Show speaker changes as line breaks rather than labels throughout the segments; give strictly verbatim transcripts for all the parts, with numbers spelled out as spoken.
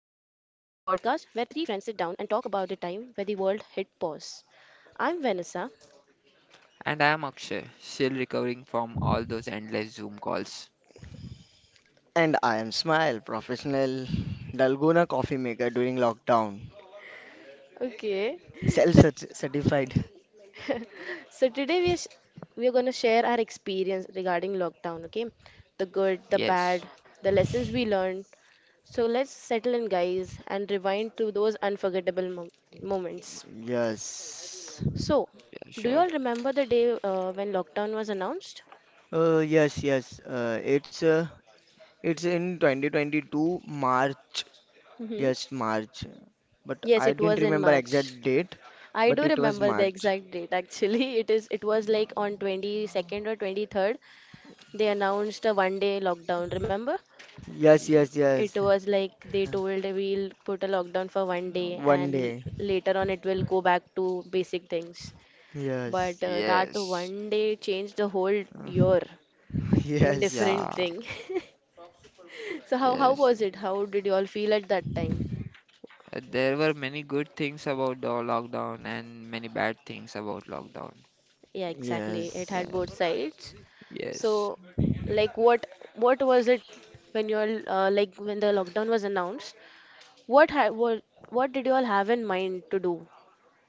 podcast where three friends sit down and talk about the time where the world hit pause. I'm Vanessa.
And I'm Akshay, still recovering from all those endless Zoom calls.
And I am Smile, professional Dalgona coffee maker during lockdown.
Okay.
Self
So,
certified.
so today we are, sh- we are going to share our experience regarding lockdown, okay? The good, the
Yes,
bad, the lessons we learned. So, let's settle in, guys, and rewind to those unforgettable mom- moments.
Yes.
So,
yeah,
do you
sure.
all remember the day uh, when lockdown was announced?
Uh, yes, yes. Uh, it's uh, it's in twenty twenty-two March. Yes, March. But
Yes,
I
it
didn't
was in
remember
March.
exact date,
I do
but it was
remember the
March.
exact date actually. It is it was like on twenty-second or twenty-third they announced a one day lockdown, remember?
Yes,
Y-
yes,
It
yes.
was like they told we'll put a lockdown for one day
One
and l-
day.
later on it will go back to basic things. But
Yes.
uh, that
yes,
one day changed the whole
Uh,
year in
Yes.
yeah,
different thing. So how how
yes.
was it? How did you all feel at that time?
Uh, There were many good things about the lockdown and many bad things about lockdown.
Yeah, exactly. It
Yes.
had both
Yes,
sides.
yes,
So, like, what what was it when you all uh, like when the lockdown was announced? What ha what what did you all have in mind to do?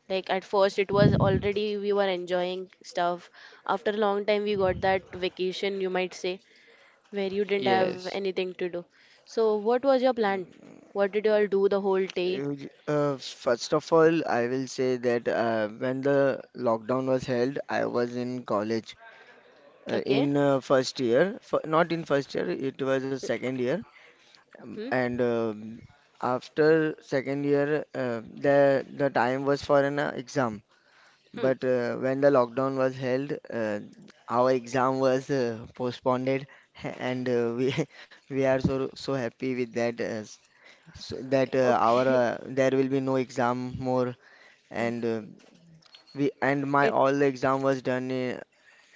Like at first, it was already we were enjoying stuff. After a long time, we got that vacation, you might say, where you didn't have
yes.
anything to do. So, what was your plan? What did you all do the whole day?
Uj- Uh, first of all, I will say that uh, when the lockdown was held, I was in college uh,
Okay.
in uh, first year, f not in first year, it was a second year. Um,
Hmm.
and um, after second year, uh, the the time was for an uh, exam.
Hmm.
But uh, when the lockdown was held, uh, our exam was uh, postponed, and uh, we we are so so happy with that. Uh, so that uh, our
Okay.
uh, there will be no exam more, and uh, we and my
It
all the exam was done in,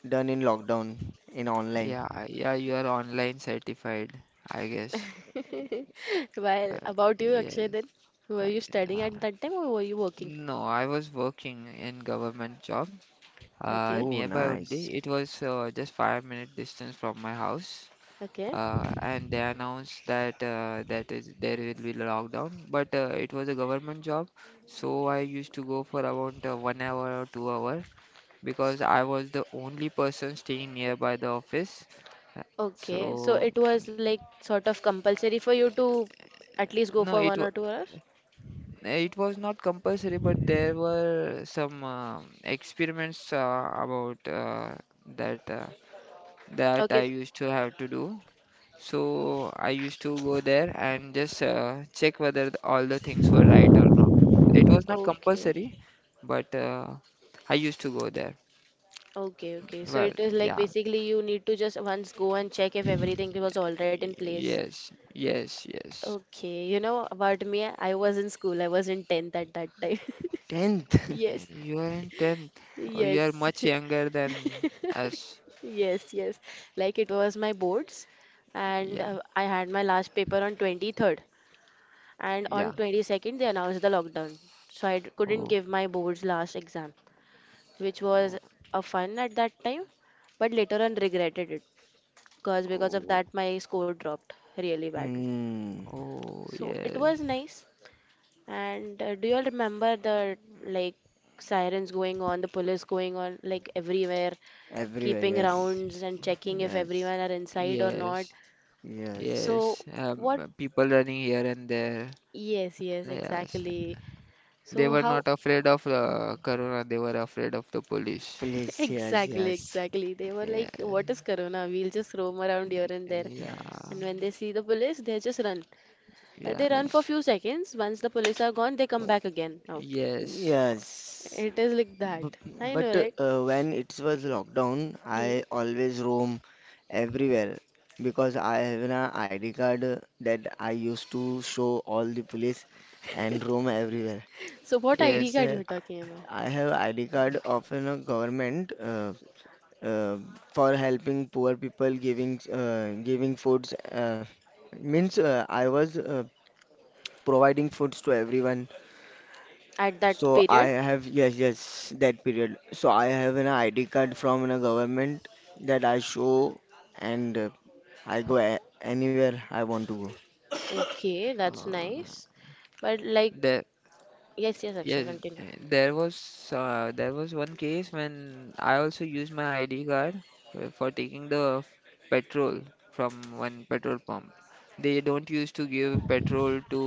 done in lockdown, in online.
Yeah, yeah, you are online certified, I guess.
Well,
Uh,
about you, Akshay, then
yes.
were
I,
you studying
uh,
at that time or were you working?
no, I was working in government job uh,
Okay,
Oh,
nearby
nice.
only. It was uh, just five minute distance from my house.
okay,
Uh, and they announced that uh, that is there will be lockdown, but uh, it was a government job, so I used to go for about uh, one hour or two hour because I was the only person staying nearby the office. Uh,
okay. So
So
it was like sort of compulsory for you to at least go
no,
for
it wa-
one or two hours?
it was not compulsory, but there were some uh, experiments uh, about uh, that uh, that I
Okay,
used to have to do. So I used to go there and just uh, check whether the, all the things were right or not. It was not
okay,
compulsory, but uh, I used to go there.
okay, okay. So
Well,
it is like
yeah.
basically you need to just once go and check if everything was all right in
Y-
place.
yes, yes, yes.
Okay, you know about me, I was in school, I was in tenth at that time.
tenth.
Y-
Yes,
You are in tenth. Oh, you are
yes.
much younger than us.
Yes, yes. Like it was my boards, and
Yeah,
uh, I had my last paper on twenty-third, and
yeah.
on twenty-second they announced the lockdown. So I d- couldn't
Oh,
give my boards last exam, which was
oh,
a fun at that time, but later on regretted it, cause because of
oh,
that my score dropped really badly.
Hmm.
oh,
So it
yes.
was nice. And uh, do you all remember the like sirens going on, the police going on like everywhere,
Everywhere,
keeping
yes,
y-
rounds and checking if
yes,
everyone are inside or not?
yes,
yes.
So
yes.
what?
Um, people running here and there.
Yes, yes,
Yes.
exactly.
They
So
were
how?
not afraid of uh, Corona. They were afraid of the police.
Please, yes,
Exactly,
yes,
exactly. They were like,
Yeah,
"What is corona? We'll just roam around here and there."
yeah,
And
yes.
when they see the police, they just run. Uh, They
Mm,
run for
yes,
few seconds. Once the police are gone, they come back again out.
yes,
yes.
It is like that.
B-
I know,
But
right?
uh, when it was lockdown,
Hmm.
I always roam everywhere because I have an I D card that I used to show all the police and roam everywhere.
So what I D
It's
yes.
card
a
you're talking about
I have I D card of a government, uh, uh, for helping poor people, giving uh, giving foods. Uh, means uh, I was uh, providing foods to everyone.
at that
So I
period?
have, yes, yes, that period. So I have an I D card from a government that I show, and uh, I go a anywhere I want to go.
Okay, that's
Uh,
nice. But like,
the
yes, yes, Akshay,
Yes.
continue.
Eh, there was uh, there was one case when I also used my I D card uh, for taking the f- petrol from one petrol pump. They don't used to give petrol to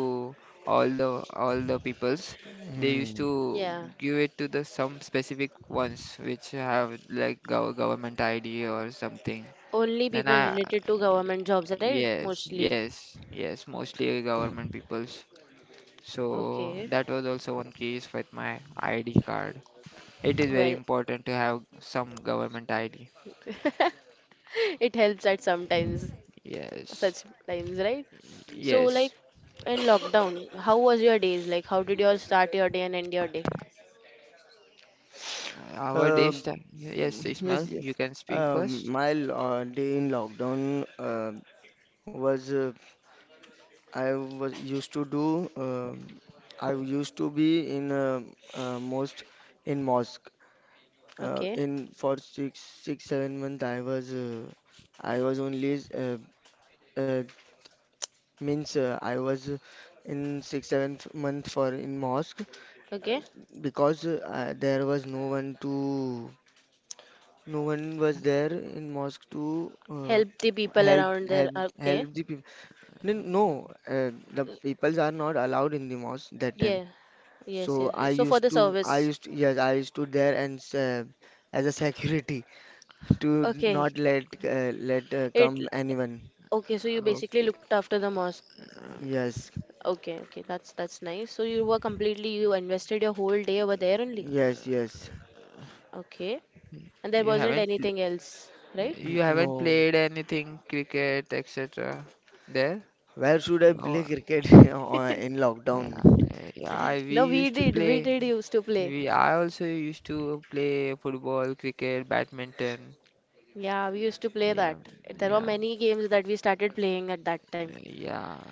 all the all the peoples. They used
Hmm.
to
Yeah.
give it to the some specific ones which have like gov government I D or something.
Only
Then
people
I
related to government jobs, right?
Yes,
Mostly.
yes, yes, mostly government peoples. So
Okay.
that was also one case with my I D card. It is very
Well,
important to have some government I D.
it helps at sometimes,
Yes.
such times, right?
Y-
So, like
Yes.
in lockdown, how was your days? Like, how did you all start your day and end your day?
Uh, Our days
Um
time. Yes,
yes,
Ismail, you
yes.
can speak
Um,
first.
my lo day in lockdown uh, was uh, I was used to do. um I used to be in uh, uh, most in mosque. Uh,
Okay.
in for six six seven month I was uh, I was only. uh, uh, Means uh, I was uh, in six seventh month for in mosque, uh,
Okay.
because uh, uh, there was no one to no one was there in mosque to uh,
Help the people
help
around there.
help
Uh, Okay.
help the people. No, no, uh, the peoples are not allowed in the mosque that time.
Yeah.
So
Yes, yes.
I
So for
used
the
to I
service.
used to, yes, I used to there, and uh, as a security to
Okay.
not let uh, let uh,
It
come anyone.
okay, so you basically
Okay.
looked after the mosque.
Yes,
Okay, okay. That's that's nice. So you were completely you invested your whole day over there only.
yes, yes.
Okay. And there
You
wasn't
haven't
anything else, right?
pl- you
N-
haven't
No.
played anything cricket et cetera there?
Where should I
Oh,
play cricket on- in
yeah,
lockdown?
yeah, yeah. I- we
No, we
used to
did. We
play.
did used to play.
We I also used to play football, cricket, badminton.
Yeah, we used to play
Yeah,
that. There were
yeah,
many games that we started playing at that time.
yeah.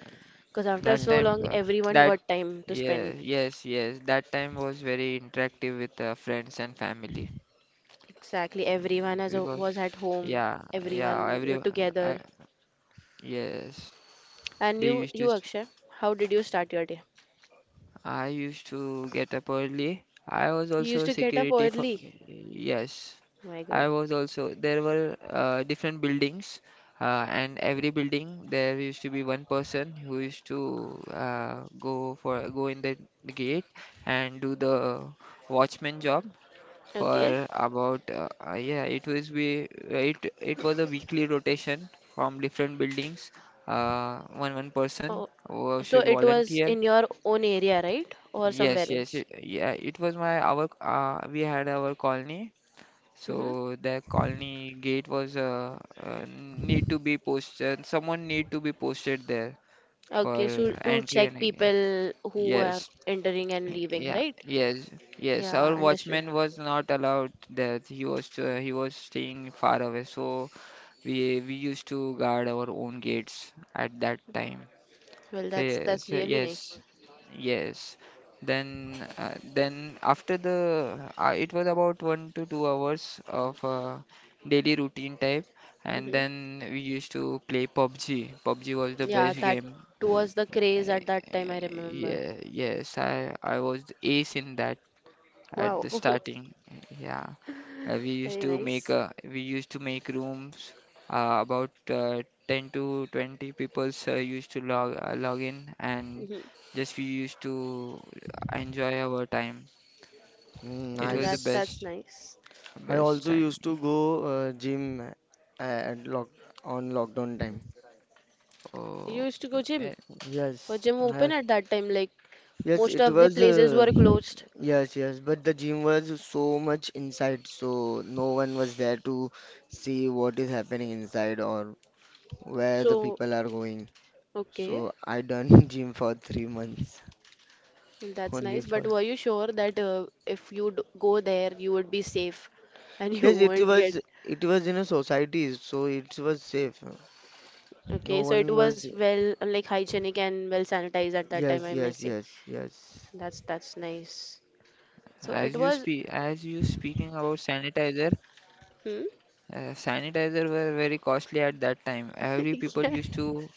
Because after
That
so
time,
long,
Hmm.
uh,
everyone
that
got time to
Yeah,
spend.
yes, yes. That time was very interactive with uh, friends and family.
Exactly. Everyone
Mm,
has a,
because
was at home.
Yeah, yeah.
Everyone
Every
were
uh,
together.
Yes,
And
they
you,
used
you
to.
Akshay, how did you start your day?
I used to get up early. I was
You used
also
to get up
security for.
early.
Yes.
My God.
I was also, there were uh, different buildings, uh, and every building there used to be one person who used to uh, go for go in the gate and do the watchman job
Okay.
for about uh, uh, yeah, it was be it it was a weekly rotation from different buildings. Uh, one one person
Oh,
who
so
should
it was
volunteer.
in your own area, right? Or
Yes,
somewhere
yes.
else?
it, yeah, it was my our uh, We had our colony,
Mm-hmm.
so the colony gate was uh, uh, need to be posted. Someone need to be posted there
Okay,
for
so to
entry
check
and exit.
people who are
Yes,
entering and leaving,
yeah,
right?
yes, yes.
Yeah,
Our
understood.
watchman was not allowed there. He was uh, he was staying far away, so we we used to guard our own gates at that time.
Well,
Fa
that's that's
fa-
really
yes,
nice.
yes. Then, uh, then, after the, uh, it was about one to two hours of uh, daily routine type, and
Hmm.
then we used to play PUBG. PUBG was the
Yeah,
best
that
game.
was the
Y-
craze at
I-
that time, I
I-
remember.
Yeah, yes. I I was the ace in that at the
Wow.
starting. Yeah. Uh, we used
Very
to make
nice.
uh, we used to make rooms. Uh, about uh, ten to twenty peoples uh, used to log uh, log in, and
Hmm.
just we used to enjoy our time.
Hmm,
It
Well,
was the
that's
nice.
that's
best
nice.
I
best
also used to
time.
go uh, gym uh, at lock on lockdown time.
Oh,
You used to go gym.
a-
Was
Yes,
gym
I
open
have.
at that time? Like
Yes,
most
it
of the
was.
places
Uh,
were closed.
yes, yes, but the gym was so much inside, so no one was there to see what is happening inside or where the
So,
people are going.
okay.
So I done gym for three months
That's
only,
nice, but
for.
were you sure that uh, if you'd go there, you would be safe and you
Yes, it
won't get.
was it was in a society, so it was safe.
Okay,
No
so
one
it
was.
was well, like hygienic and well sanitized at that time,
Yes,
I may
yes,
say.
yes, yes.
That's that's nice. So it
as you
was,
speak as you speaking about sanitizer.
hmm?
Uh, sanitizer were very costly at that time. Every people
Yeah,
used to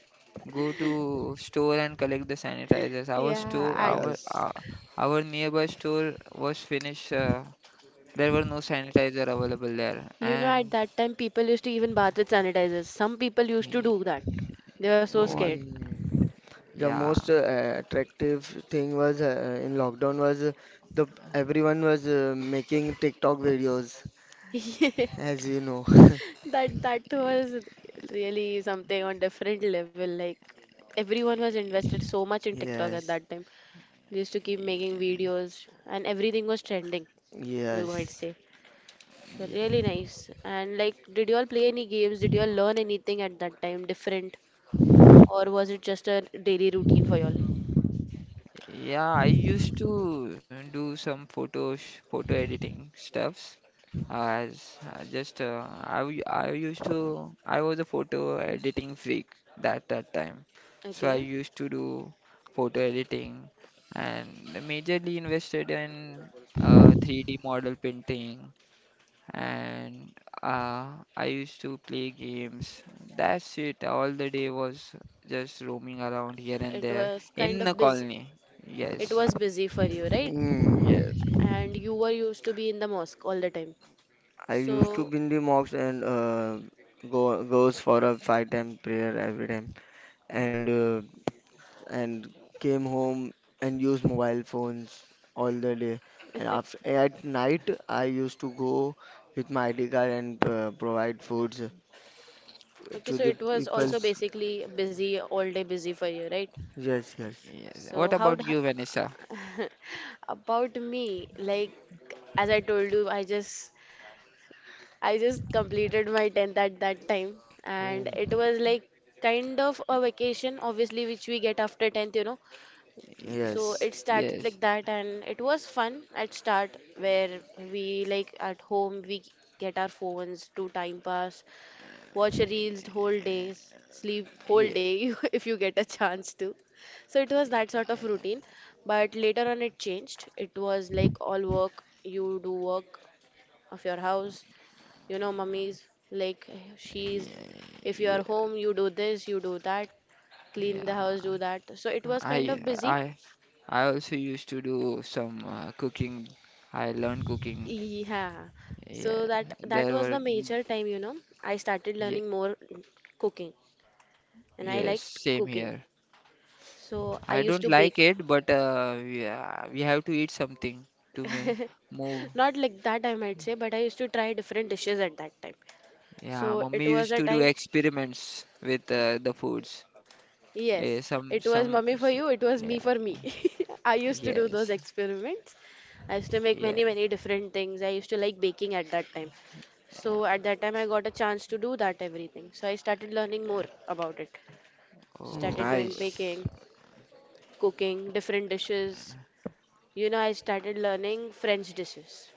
go to store and collect the sanitizers. Our
yeah.
store,
Mm,
At
our
yes.
uh, our nearby store was finished. Uh, there were no sanitizer available there.
you know, at
And
that time, people used to even bath with sanitizers. Some people used to do
y-
that. They were so
what?
scared.
Mm. The
Yeah.
most uh, attractive thing was uh, in lockdown was uh, the everyone was uh, making TikTok videos, as you know.
That that
y-
was really something on different level. Like everyone was invested so much in TikTok at
Yes,
that time. They used to keep making videos and everything was trending, you might
yes.
say. So really nice. And like did you all play any games? Did you all learn anything at that time different? Or was it just a daily routine for you all?
yeah. I used to do some photos, photo editing stuffs. As I just uh, I w- I used to I was a photo editing freak that that time, so I
Okay.
used to do photo editing and majorly invested in uh, three D model painting and uh, I used to play games. That's it. All the day was just roaming around here and
It
there
was kind
in the
of busy.
colony.
It
Yes.
was busy for you, right?
Mm.
Yes.
And you were used to be in the mosque all the time.
I used to
So
be in the mosque, and uh, go goes for a five time prayer every time, and. Uh, and came home and used mobile phones all the day. And after at night, I used to go with my I D card and uh, provide foods
okay,
to
so
the
it was
Oh,
also
people's.
basically busy, all day busy for you, right?
Yes, yes.
yes.
So
What
how d-
about you, Vanessa?
about me, like as I told you, I just I just completed my tenth at that time and
Oh,
it was like kind of a vacation obviously which we get after tenth, you know.
Ye-
So
yes.
it started
Yes.
like that and it was fun at start where we like at home we get our phones to time pass watch reels whole
Yeah,
days, sleep whole
yeah,
day if you get a chance to. So it was that sort of
yeah,
routine, but later on it changed. It was like all work, you do work of your house, you know, mummies like she's
yeah,
if you are
yeah,
home, you do this, you do that, clean the
yeah.
house, do that. So it was kind of
I,
busy.
I, I also used to do some uh, cooking. I learned cooking.
Yeah.
Yeah,
So that that
there
was
were.
the major time, you know. I started
Yeah,
learning more cooking and I
yes,
liked
same
cooking.
here.
So I
I
used
don't
to bake.
like it, but uh, yeah, we have to eat something to m move.
Not like that, I might say, but I used to try different dishes at that time.
Yeah,
So it
mummy
was
used
a
to do
time,
experiments with uh, the foods.
yes,
Eh, some,
it was
some.
mummy for
s-
you, it was me
Yeah,
for me. I used to do those
yes,
experiments. I used to make
yeah,
many, many different things. I used to like baking at that time. So
yeah.
at that time, I got a chance to do that everything. So I started learning more about it. Started
Oh.
doing
Nice.
baking, cooking, different dishes. You know, I started learning French dishes.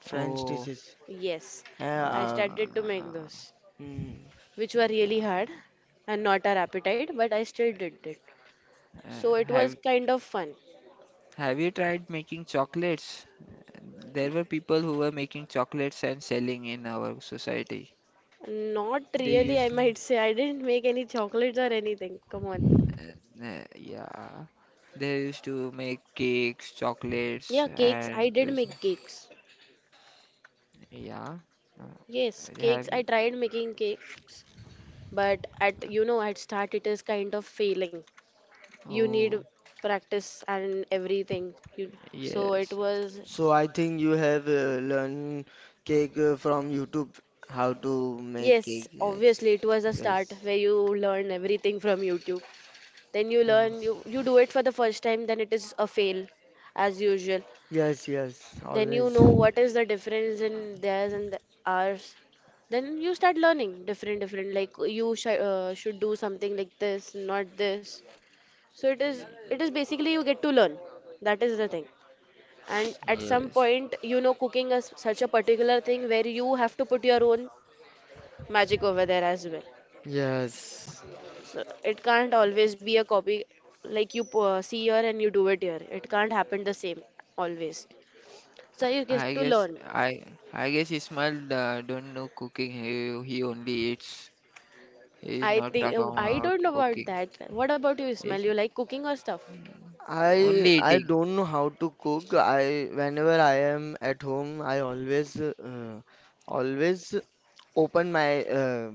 French
Oh,
dishes.
Yes,
Yeah,
I
um,
started to
uh,
make those,
mm.
which were
yeah.
really hard and not our appetite, but I still did it. So
Uh,
it was
Have
kind of fun.
Have you tried making chocolates? There were people who were making chocolates and selling in our society.
Not
They
really,
used
I
to,
might say. I didn't make any chocolates or anything. Come on.
uh, uh, yeah. They used to make cakes, chocolates,
Yeah, cakes. I
and
did
this.
make cakes.
Yeah. Uh,
Yes, cakes.
Have
I
you?
tried making cakes, but at you know, at start it is kind of failing. You need
Oh,
practice and everything. You, so it
yes,
was
So I think you have uh, learned cake uh, from YouTube, how to make
yes,
cake. Yes,
obviously it was a start
yes,
where you learn everything from YouTube. Then you learn
yes.
you you do it for the first time, then it is a fail as usual,
Yes, yes,
then you
always.
know what is the difference in theirs and the, ours, then you start learning different different like you sh- uh, should do something like this not this, so it is it is basically you get to learn, that is the thing. And at some
yes.
point you know cooking is such a particular thing where you have to put your own magic over there as well.
Yes,
So it can't always be a copy, like you uh, see here and you do it here. It can't happen the same always. So you
I
get to
guess
learn.
I I guess Ismail uh, don't know cooking. He he only eats. He is
I
not
think
talking
uh, I
about
don't know about
cooking.
that. What about you, Ismail?
He's
You like cooking or stuff?
I
only
I
eating.
don't know how to cook. I Whenever I am at home, I always uh, always open my uh,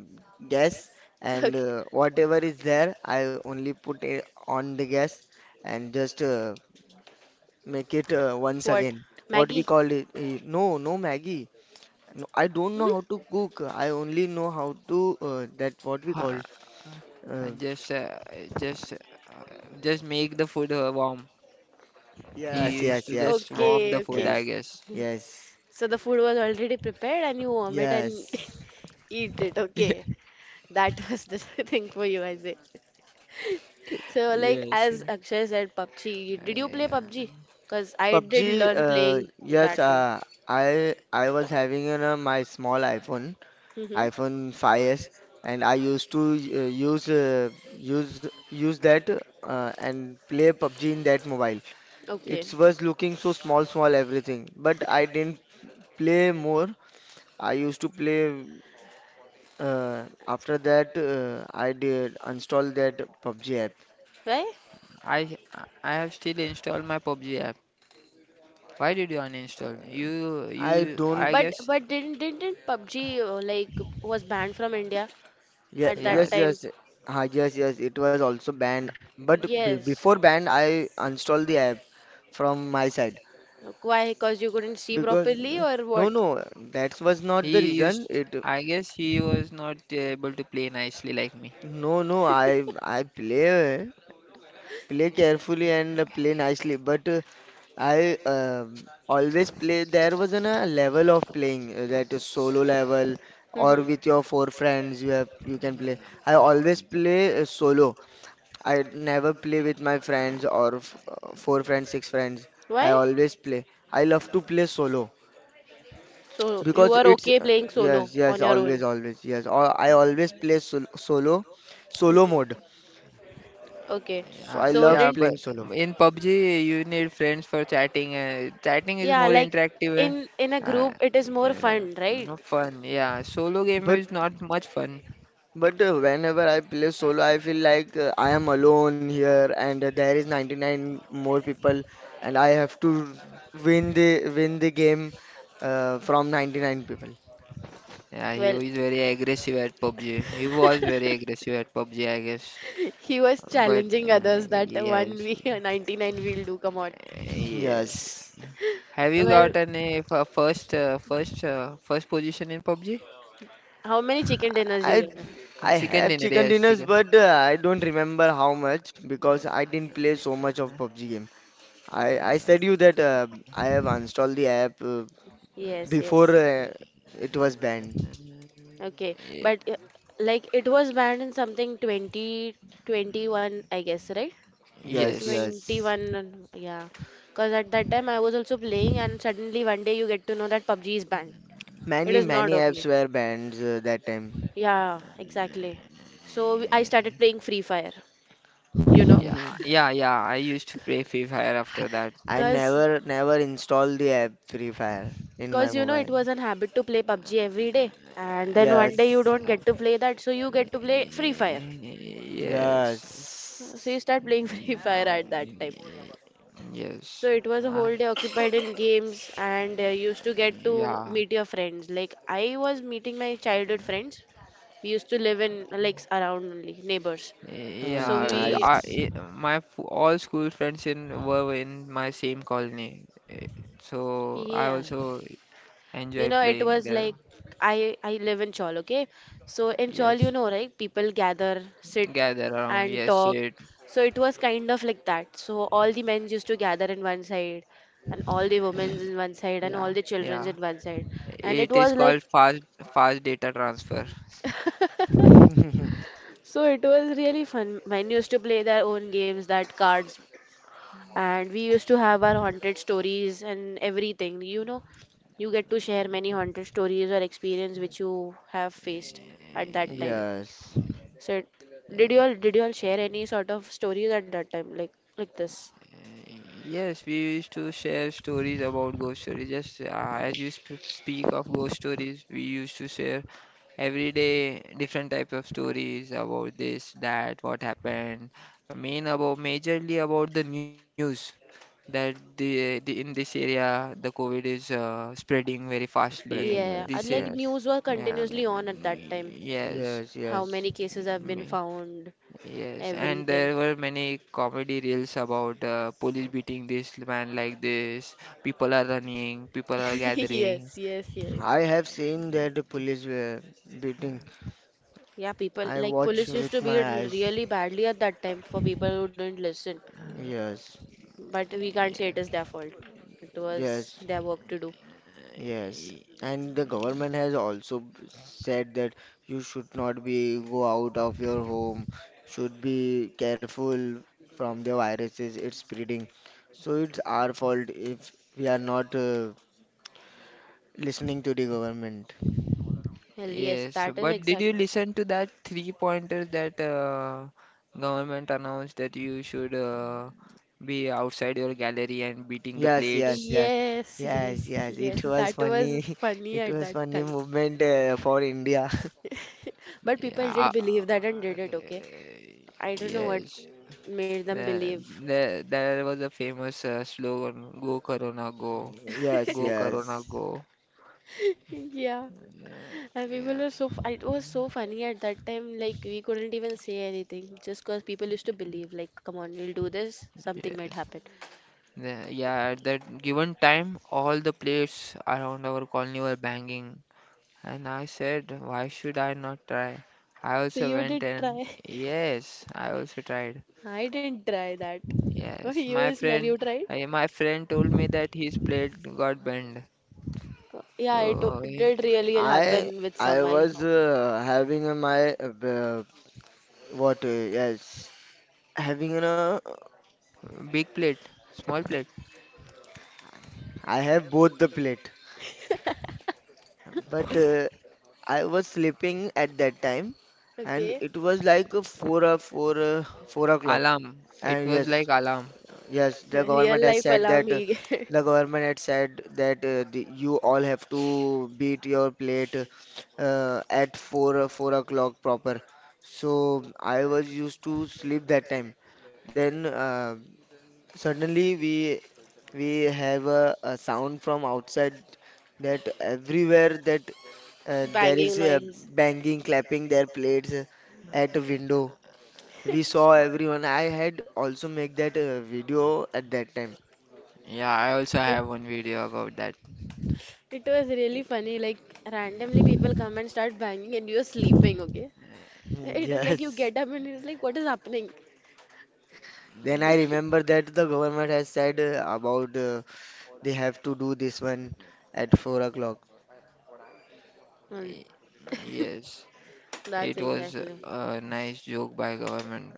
gas, and
Okay.
uh, whatever is there, I only put it on the gas and just uh, make it uh, once
What?
again. What we
Maggie?
call it? eh, No, no, Maggie. No, I don't know how to cook. I only know how to uh, that what we call.
Ha- uh,
Uh,
And just, uh, just, uh, just make the food uh, warm. Yeah. He
yes,
used
yes,
to
yes.
just
I,
warm
Okay,
the food,
okay.
I
yes,
guess.
yes.
So the food was already prepared and you warm it and
Yes.
eat it. Okay. That was the thing for you, I say. So like
Yes.
as Akshay said, P U B G. Did you play
Yeah.
P U B G? Because I did
PUBG,
learn
uh,
playing
yes,
that.
uh, I I was having, you know, my small iPhone,
Mm-hmm.
iPhone five s, and I used to uh, use uh, use use that, uh, and play PUBG in that mobile.
Okay.
It was looking so small, small everything, but I didn't play more. I used to play, uh, after that uh, I did install that PUBG app.
Right?
I, I have still installed my PUBG app. Why did you uninstall? You,
I
you,
don't.
I
But
guess.
but didn't didn't P U B G uh, like was banned from India
Yeah,
at that
Yeah.
yes,
time?
yes. Ah, yes, yes. It was also banned. But be
Yes.
before banned, I installed the app from my side,
Why? Because you couldn't see
because
properly or what?
no, no, that was not
He
the
used.
reason. It
I guess he was not able to play nicely like me.
No, no. I I play play carefully and play nicely, but uh, I um, always play. There was an, a level of playing, uh, that is solo level, or
Mm-hmm.
with your four friends. You have you can play. I always play uh, solo. I never play with my friends, or f- uh, four friends, six friends. I
Why?
always play. I love to play solo,
So you
because
were
it's
okay
uh,
playing solo
yes, yes,
on your
always,
own.
always, yes. Al- I always play sol solo, solo
Mhm.
mode.
Okay.
So
Yeah,
I
So
love
yeah,
didn't
playing
but
solo.
in PUBG you need friends for chatting. Uh, chatting is
yeah,
more
like
interactive.
in in a
Uh, uh,
group it is more
yeah,
fun, right?
no fun. Yeah, solo game
But
is not much fun.
but uh, whenever I play solo, I feel like uh, I am alone here, and uh, there is ninety-nine more people, and I have to win the win the game uh, from ninety-nine people.
Yeah, he
Well,
is very aggressive at PUBG. He was very aggressive at PUBG, I guess.
he was
But
challenging
uh,
others that one
Yes,
we ninety-nine we'll do, come on.
Yes.
yes. Have you got
Well,
any f- uh, first, uh, first, uh, first position in PUBG?
how many chicken dinners you
I
get?
I
Chicken
have
dinner,
chicken
yes,
dinners,
chicken.
but uh, I don't remember how much, because I didn't play so much of
Uh,
PUBG game. I I
uh, uh,
said you that uh, I have installed the app uh,
Yes,
before
yes.
uh, it was banned.
Okay.
Ye-
But uh, like it was banned in something twenty twenty-one, I guess, right?
Yes,
Yes.
yes.
twenty-one, and- yeah. Because at that time I was also playing, and suddenly one day you get to know that P U B G is banned. It
Many
is not
many apps
opening.
were banned uh, that time.
Yeah, exactly. So we- I started playing Free Fire, you know,
Yeah, yeah, yeah. I used to play Free Fire after that.
I
because
never never installed the app Free Fire in
because
my
you know it
mobile.
was an habit to play P U B G every day, and then one day you
Yes,
don't
Yeah.
get to play that, so you get to play Free Fire.
Yes.
So you
yes.
start playing Free Fire at that time. So
Yes.
it was a
Uh,
whole day occupied in games and uh, used to get to
yeah.
meet your friends. Like I was meeting my childhood friends. We used to live in like around only neighbors. So
Mm,
Yeah.
we
I,
nice.
I- my f- all school friends in were in my same colony, eh, so I
yeah.
also
You
enjoy
know it
playing
was
there.
like I I live in Chawl, okay? So in Chawl you
Yes,
know right people gather, sit
gather around.
and
Yes,
talk.
it.
So it was kind of like that. So all the men used to gather in one side and all the women's in one side and all
Yeah,
the children's
yeah.
in one side and it
It is
was like
called fast fast data transfer.
So it was really fun. Mine used to play their own games, that cards, and we used to have our haunted stories and everything. You know, you get to share many haunted stories or experience which you have faced at that time.
Yeah,
Yes.
So it, did you
yeah.
all did you all share any sort of stories at that time, like like this?
Yes, we used to share stories about ghost stories. Just uh, as you sp- speak of ghost stories, we used to share every day different types of stories about this, that, what happened. I mean, about majorly about the news that the, the in this area the COVID is uh, spreading very fastly.
Spreading,
Yeah,
This
yes,
and
uh,
like
yes,
news were
Yeah,
continuously on at that
mm,
time.
yes,
yes,
How
yes.
many cases have been
mm,
found,
yes, and
everything.
there were many comedy reels about uh, police beating this man like this. People are running, people are gathering.
Yes, yes, yes.
I have seen that the
Yeah,
police were beating.
Yeah, people
I
like
watch
police used to
with
beat
my eyes.
really badly at that time for people who didn't listen.
Yes,
But we can't say
yeah.
it is their fault. It was
yes,
their work to do.
Uh,
yes. And the government has also b- said that you should not be go out of your home, should be careful from the viruses it's spreading. So it's our fault if we are not uh, listening to the government.
Well, yes,
Yes,
that is
but did you
exactly.
listen to that three pointer that uh, government announced that you should uh, be outside your gallery and beating the
Yes, yes,
plates?
yes,
Yes,
yes,
yes,
yes.
yes.
It was
That was
funny.
funny
It
at
was
that
funny
time.
movement uh, for India.
But people
Yeah,
did believe that and
uh,
did it, okay? I don't know what
yes.
made them
There,
believe.
there, there was a famous uh, slogan, "Go Corona, go,
Yes,
go Corona,
yes.
go."
Yeah.
Yeah,
And people
yeah,
are so, f- it was so funny at that time. Like, we couldn't even say anything just because people used to believe, like, come on, we'll do this, something might
yes.
happen.
Yeah, yeah, at that given time, all the players around our colony were banging, and I said, "Why should I not try?" I
So
also
you
went
did
and
try.
yes, I also tried.
I didn't try that. But
Yes.
you
My
smell, you
friend,
tried?
I, my friend told me that his plate got bent.
Uh, Yeah, it o-
So, eh,
did really
I
happen with
I
some I
was
saw.
uh, having uh, my uh, b- what? Uh, yes, having, you know,
big plate, small plate.
I have both the plate, but uh, I was sleeping at that time, and
Okay.
it was like uh, four uh, four uh, four o'clock,
Alarm. It
and
was
yes.
like alarm.
Yes, the government
Real
has
life
said
alarm
that uh,
he get.
the government had said that uh, the, you all have to beat your plate uh, at four uh, four o'clock proper. So I was used to sleep that time. Then uh, suddenly we we have a, a sound from outside, that everywhere that uh, there
Banging
is a
noise.
banging, clapping their plates uh, at the window. We saw everyone. I had also make that uh, video at that time.
Yeah, I also
It
have one video about that.
it was really funny, like randomly people come and start banging and you're sleeping, okay?
Mm,
It is like you
yes.
get up and it's like what is happening?
Then I remember that the government has said uh, about uh, they have to do this one at four o'clock.
Well,
Y- Yes,
that's
it was
exactly.
a nice joke by government.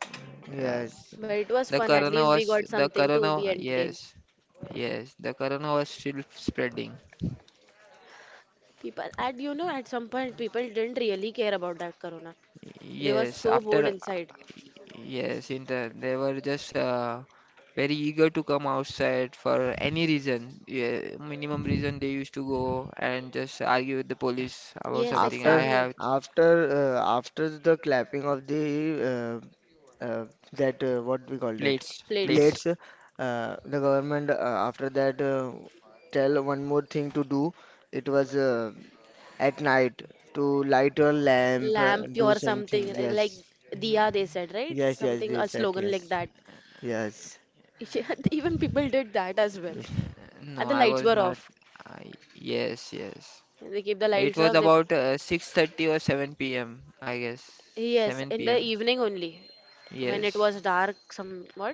Uh,
Yes.
But it was
the
fun, at
corona
least we
was
got
the
something to be
corona.
entertained.
Yes, yes, the corona was still spreading.
People, and you know, at some point, people didn't really care about that corona. They were
Yes.
so bored
after
inside.
yes, in the, They were just uh, very eager to come outside for any reason. Yeah, minimum reason they used to go and just argue with the police about
Yes,
something. I
After
exactly.
have.
after uh, after the clapping of the uh, uh, that uh, what we call that
Plates,
Plates,
plates.
plates, uh, the government uh, after that uh, tell one more thing to do. It was uh, at night, to light a lamp, uh,
lamp
do
or something
something.
uh, like
Yes.
Diya, they
Mm.
said, right?
Yes. Yes.
Something,
They
a
said
slogan like
yes.
that.
Yes.
Yeah, even people did that as well.
No,
And the
I
lights
was
were
not.
off.
I Yes, yes.
They keep the
It
lights
was
off. They,
about uh, six thirty or seven p m, I guess.
yes, in
7
the
p.m.
evening only, when it
Yes,
was dark somewhat.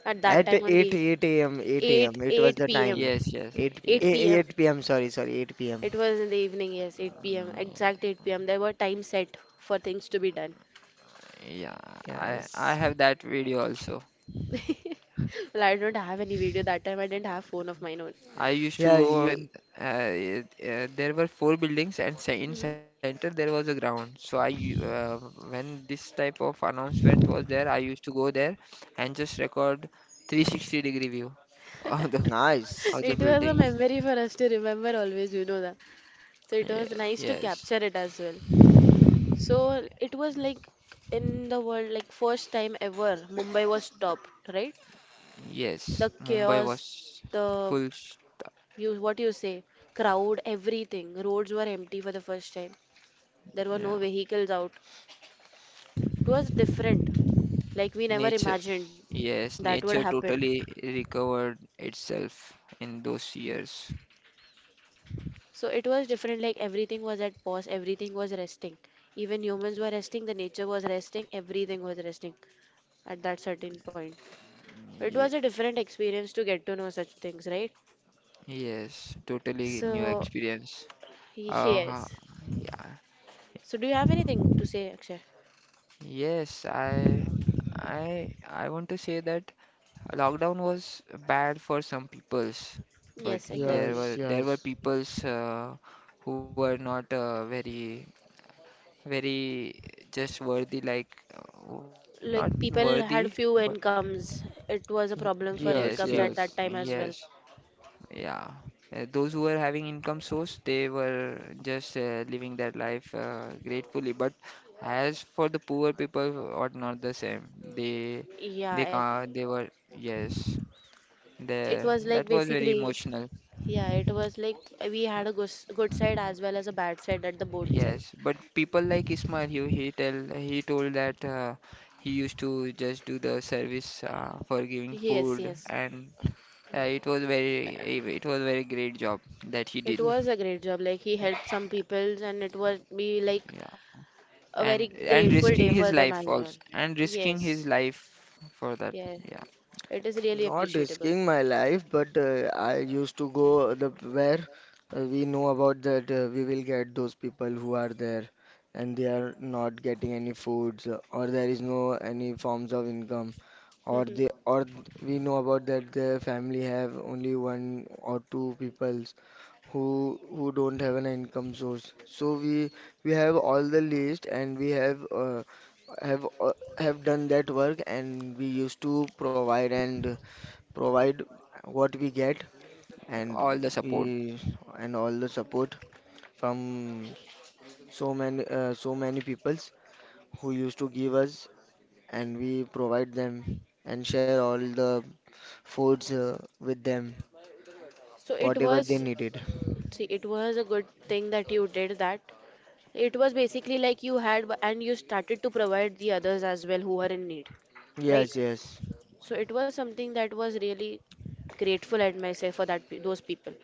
At that
At
time
eight,
only,
eight a m, eight a m, it was
8
the
8 p.m.
time.
yes, yes,
eight, a-
yeah.
eight p m.
eight p m, sorry, sorry, eight p m.
It was in the evening, yes, eight p m.
Mm.
Exact eight p m. There were time set for things to be done.
Yeah, I I
Yes.
have that video also.
Well, I don't have any video that time. I didn't have phone of mine own.
I used to
Yeah,
go
you,
and uh, it- uh, there were four buildings and ce- in
Mhm.
center there was a ground. So I u- uh, when this type of announcement was there, I used to go there and just record three sixty degree view of the of
nice.
the
It was a
buildings.
memory for us to remember always, you know that. So it was
Yeah,
nice to
yes,
capture it as well. So it was like in the world, like first time ever, Mumbai was stopped, right? The
yes. Mumbai
chaos,
was
the
full. s-
you what you say, crowd, everything. Roads were empty for the first time. There were
Yeah,
no vehicles out. It was different. Like we never
nature.
imagined
Yes,
that would
nature
happen.
totally recovered itself in those years.
So it was different, like everything was at pause, everything was resting. Even humans were resting, the nature was resting, everything was resting at that certain point. It
Ye-
was a different experience to get to know such things, right?
yes, totally new
So,
experience. Uh, ha-
yes.
yeah,
So, do you have anything to say, Akshay?
yes. I, I, I want to say that lockdown was bad for some peoples, but
Yes,
there
exactly.
Yes,
were there were
yes,
peoples uh, who were not uh, very very just worthy, like uh, not
Like
worthy,
people had
but
few incomes. It was a problem for
yes,
yes,
few,
incomes at
yes.
that time as
yes.
well.
Yeah, uh, those who were having income source, they were just uh, living their life uh, gratefully. But as for the poor people, what not the same. They,
Yeah,
they
it
can they were Yes.
it
The
was like
That was very
basically.
emotional.
Yeah, it was like eh, we had a good, good side as well as a bad side at the both side.
Yes, but people like Ismail, he he tell he told that uh, he used to just do the service uh, for giving
Yes,
food,
yes.
and uh, it was very it was very great job that he
It
did.
was a great job. Like he helped some people and it was be like
Yeah.
a
and
very
and risking
grateful day
his
for
life
them as
also
well.
and risking his
Yes.
life for that,
Yeah.
yeah,
It is really
Not
appreciable.
risking my life, but uh, I used to go the where uh, we know about that uh, we will get those people who are there and they are not getting any foods uh, or there is no any forms of income, or they
Mhm.
or th- we know about that their family have only one or two peoples who who don't have an income source. So we we have all the list and we have uh, have uh, have done that work, and we used to provide and provide what we get,
all
and
the support.
we and all the support from so many uh, so many peoples who used to give us, and we provide them and share all the foods uh, with them,
So it
whatever
was
they needed.
See it was a good thing that you did that. It was basically like you had and you started to provide the others as well who are in need. Right?
Yes, yes,
So it was something that was really grateful at myself for that pe- those people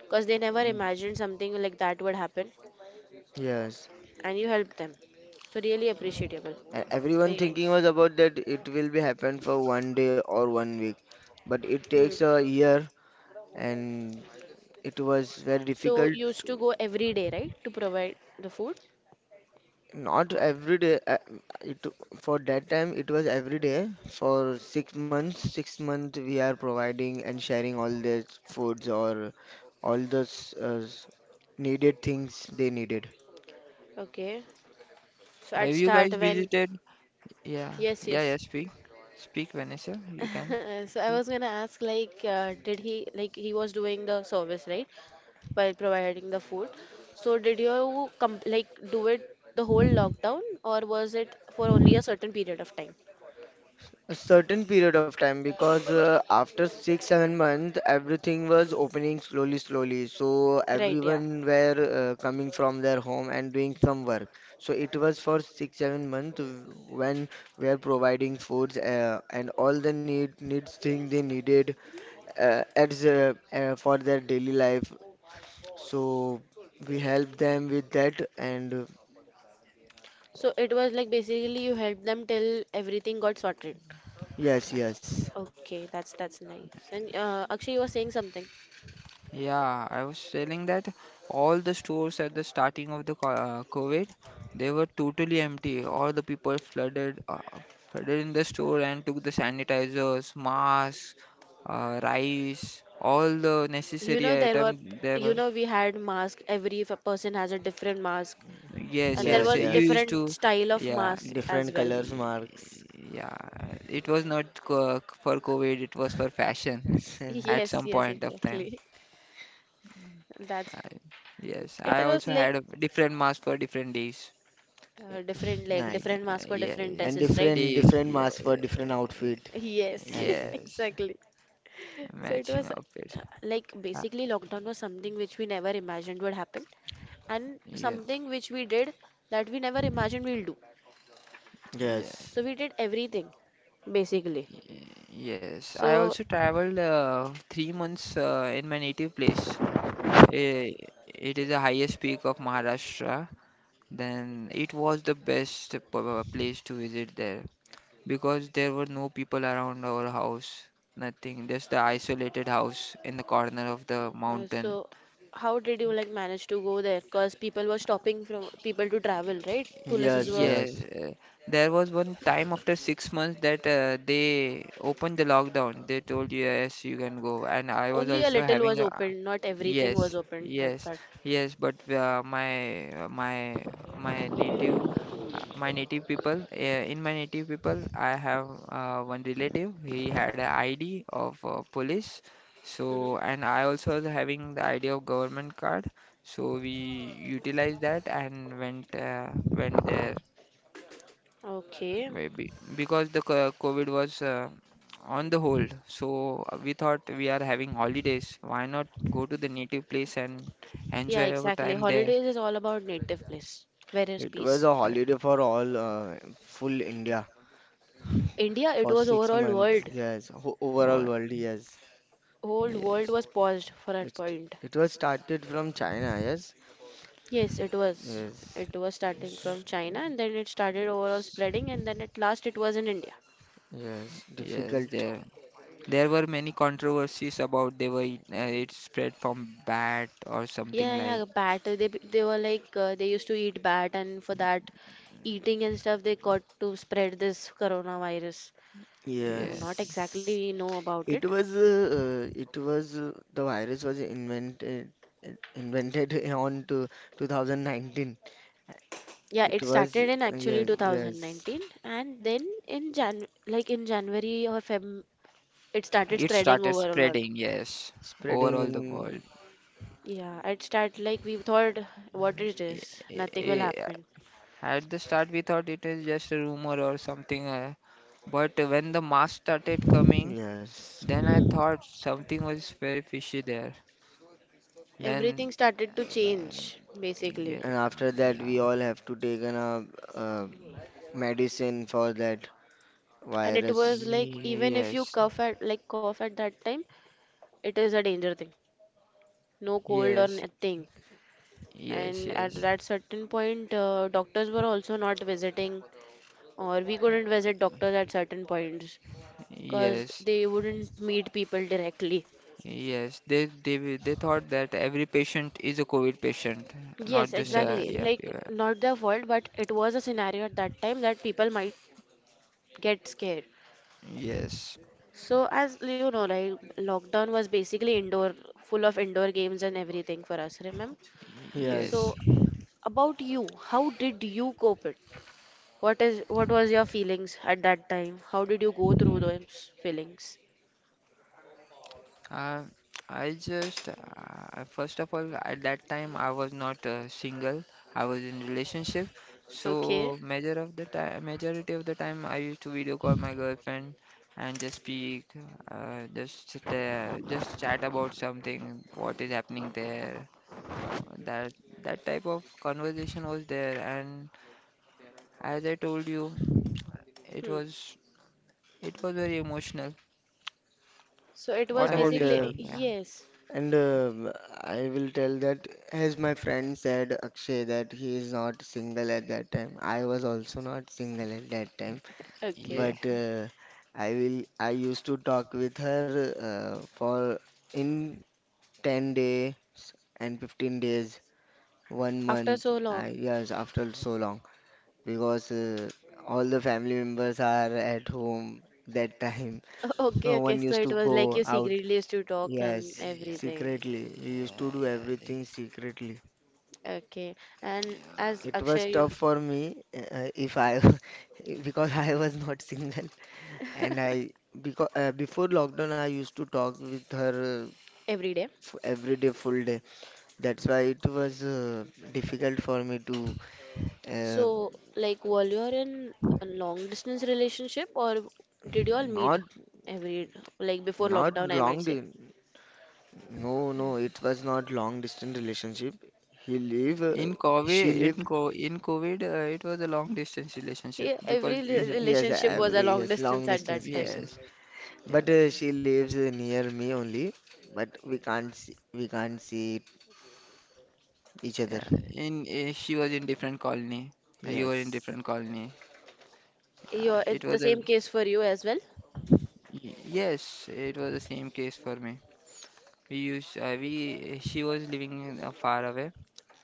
because they never
Mm.
imagined something like that would happen
yes.
and you helped them. So really appreciable.
And everyone
Very
thinking
nice.
was about that it will be happen for one day or one week, but it
Hmm.
takes a year, and it was very
So
difficult.
you used to go every day, right, to provide the food?
Not every day. uh, It For that time it was every day for six months. Six months we are providing and sharing all the foods, or all the uh, needed things they needed.
Okay. So at
Have you
start
guys
when
visited? Yeah,
Yes,
yeah, yeah,
yes.
speak speak Vanessa, you can
So I
speak.
was gonna ask like uh, did he like he was doing the service, right? While providing the food. So did you com like do it the whole lockdown or was it for only a certain period of time?
A certain period of time, because uh, after six seven months everything was opening slowly slowly, so
Right, yeah.
everyone were uh, coming from their home and doing some work, so it was for six seven months when we are providing foods, uh, and all the need needs thing they needed uh, at the, uh, for their daily life, so we help them with that, and uh,
So it was like basically you helped them till everything got sorted.
yes, yes,
Okay, that's that's nice. And uh, Akshay, you were saying something.
Yeah, I was telling that all the stores at the starting of the co- uh, COVID, they were totally empty. All the people flooded, uh, flooded in the store and took the sanitizers, masks, uh, rice, all the
You know
necessary
there were,
items they were.
you know we had masks. Every f- person has a different mask,
Yes,
and there
yes.
yes,
uh,
was
You
yes,
used
different
to,
style of
yeah,
masks as
different
well.
colors
y-
marks.
yeah. It was not co for COVID, it was for fashion at
Yes,
some
yes,
point of time.
exactly. That's
I, yes, I
it was
also
like
had a different mask for different days.
Uh, different like
Uh,
Nice.
different mask for
yeah,
different
And
dresses,
the
right?
different
days,
different
yeah,
masks for different outfit,
Yes,
as
yes,
exactly. So it
matching
was
outfits.
uh, like
Uh,
basically lockdown was something which we never imagined would happen and
yeah,
something which we did that we never imagined we'll do.
yeah,
yes.
So we did everything basically.
y- yes, I
So
also traveled uh, three months uh, in my native place. Eh, It is the highest peak of Maharashtra. Then it was the best p- uh, place to visit there, because there were no people around our house, nothing, just the isolated house in the corner of the
uh, so
mountain.
how did you like manage to go there? Because people were stopping from people to travel, right? Polices
Yes,
were
Yes,
yes.
uh, there was one time after six months that uh, they opened the lockdown. They told you, yes, you can go. And I was
only a
also
little was
having a,
open, not everything was
yes,
open, but
yes,
that.
yes. But uh, my uh, my my native uh, my native people, uh, in my native people, I have uh, one relative. He had an I D of uh, police.
Hmm.
So, and I also was having the I D of government card. So we utilized that and went uh, went there,
Okay.
maybe because the co- COVID was uh, on the hold. So uh, we thought we are having holidays. Why not go to the native place and
Yeah,
enjoy our
exactly.
time there?
Holidays is all about native place. Where is
It was
peace?
a
Uh,
holiday for all uh, full India
India, it
for
was
six
overall
months.
world.
Yes. Ho Overall
wha-
world. Yes,
Whole world
yes.
was paused for that
it
point.
it was started from China. Yes,
Yes, it was.
yes,
It was starting from
s-
China and then it started overall
yes.
spreading and then at last it was in India.
Yes,
Yes,
difficult.
there there were many controversies about they were it, uh, it spread from bat or something
Yeah, yeah,
like,
bat. They be- they were like uh, they used to eat bat and for that eating and stuff they got to spread this coronavirus. No,
yeah.
not exactly
Yes,
we know about it,
it was. Uh, uh, it was uh, the virus was invented in- invented on to twenty nineteen.
yeah,
It
it
was
started in actually
Yes, yes.
two thousand nineteen and then in Jan like in January or Feb it started
It
spreading
started
overall.
spreading, yes, over
Spreading
all the world.
in,
Yeah, it started like we thought what is this?
I-
Nothing will
I-
happen.
At the start, we thought it is just a rumor or something, uh, but when the mask started coming,
yes.
then
Hmm.
I thought something was very fishy there. Then,
Everything started to
yeah,
change
yeah,
basically.
And after that,
yeah,
we all have to take an, uh, uh, medicine for that
And it was
virus.
like
ye-
even if you
yes,
cough at like cough at that time, it is a danger thing. No cold or
yes,
nothing.
yes,
And at
yes,
that certain point, uh, doctors were also not visiting, or we couldn't visit doctors at certain points. Because
yes,
they wouldn't meet people directly.
yes. They they w- they thought that every patient is a COVID patient, not
Yes,
just a,
Yes,
exactly.
yeah,
Like,
yeah.
not their fault, but it was a scenario at that time that people might get scared.
Yes,
So, as you know, like, lockdown was basically indoor, full of indoor games and everything for us, remember?
yes.
yes.
So, about you, how did you cope it? What is, what was your feelings at that time? How did you go through those feelings?
Uh, I just, uh, first of all, at that time I was not uh, single. I was in relationship.
Okay.
So major of the time, majority of the time, I used to video call my girlfriend and just speak, uh, just sit there, just chat about something, what is happening there. That that type of conversation was there, and as I told you, it
Hmm.
was it was very emotional.
So it was
What
And
about you,
uh,
Ismail?
basically,
Yeah,
yes.
and uh, I will tell that, as my friend said, Akshay, that he is not single at that time. I was also not single at that time,
yeah,
Okay.
but uh, I will. I used to talk with her, uh, for in ten days and fifteen days, one
After
month.
so
I
long.
Yes, after so long, because uh, all the family members are at home that time.
Oh,
No
okay,
one
okay. So
used
it
to
was like
go
you
out.
secretly used to talk and
yeah,
Yes,
yeah,
everything.
secretly. We used to do
yeah, yeah.
everything secretly.
Okay. And as
Yeah.
It was
Akshay, you
tough for me, uh, uh, if I, because I was not single, and I because uh, before lockdown I used to talk with her, uh,
every day.
f every day, full day. That's why it was uh, difficult for me to, uh,
So, like, while you are in a long distance relationship, or did you all meet
not
every, like, before
Not
lockdown, I
long
might say?
di- no, no, it was not long distance relationship. He live uh,
In COVID,
she
in
live
co in COVID, uh, it was a long distance relationship
Yeah, every
because
re-
is-
we,
yes,
relationship
yeah,
was a
every,
long
yes, long
distance at
distance
that time.
relations.
yes,
But uh,
yes,
she lives uh, near me only. But we can't see, we can't see each other.
yeah. In uh, She was in different colony, uh, you were in
Yes,
different colony.
You,
Yeah, it
it's the
was a,
same case for you as well.
y- yes, it was the same case for me. We used uh, we She was living in, uh, far away,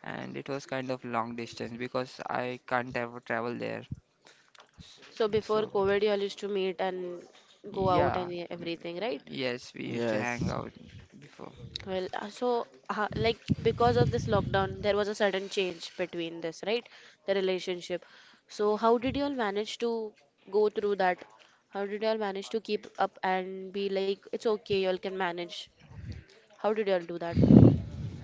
and it was kind of long distance because I can't ever travel there. S-
So before
So,
COVID, you all used to meet and go out
yeah,
and e- everything, right?
yes, we used to hang
yes.
out before.
Well, uh, so uh, like because of this lockdown, there was a sudden change between this, right? The relationship. So how did you all manage to go through that? How did you all manage to keep up and be like, it's okay, you all can manage? How did you all do that?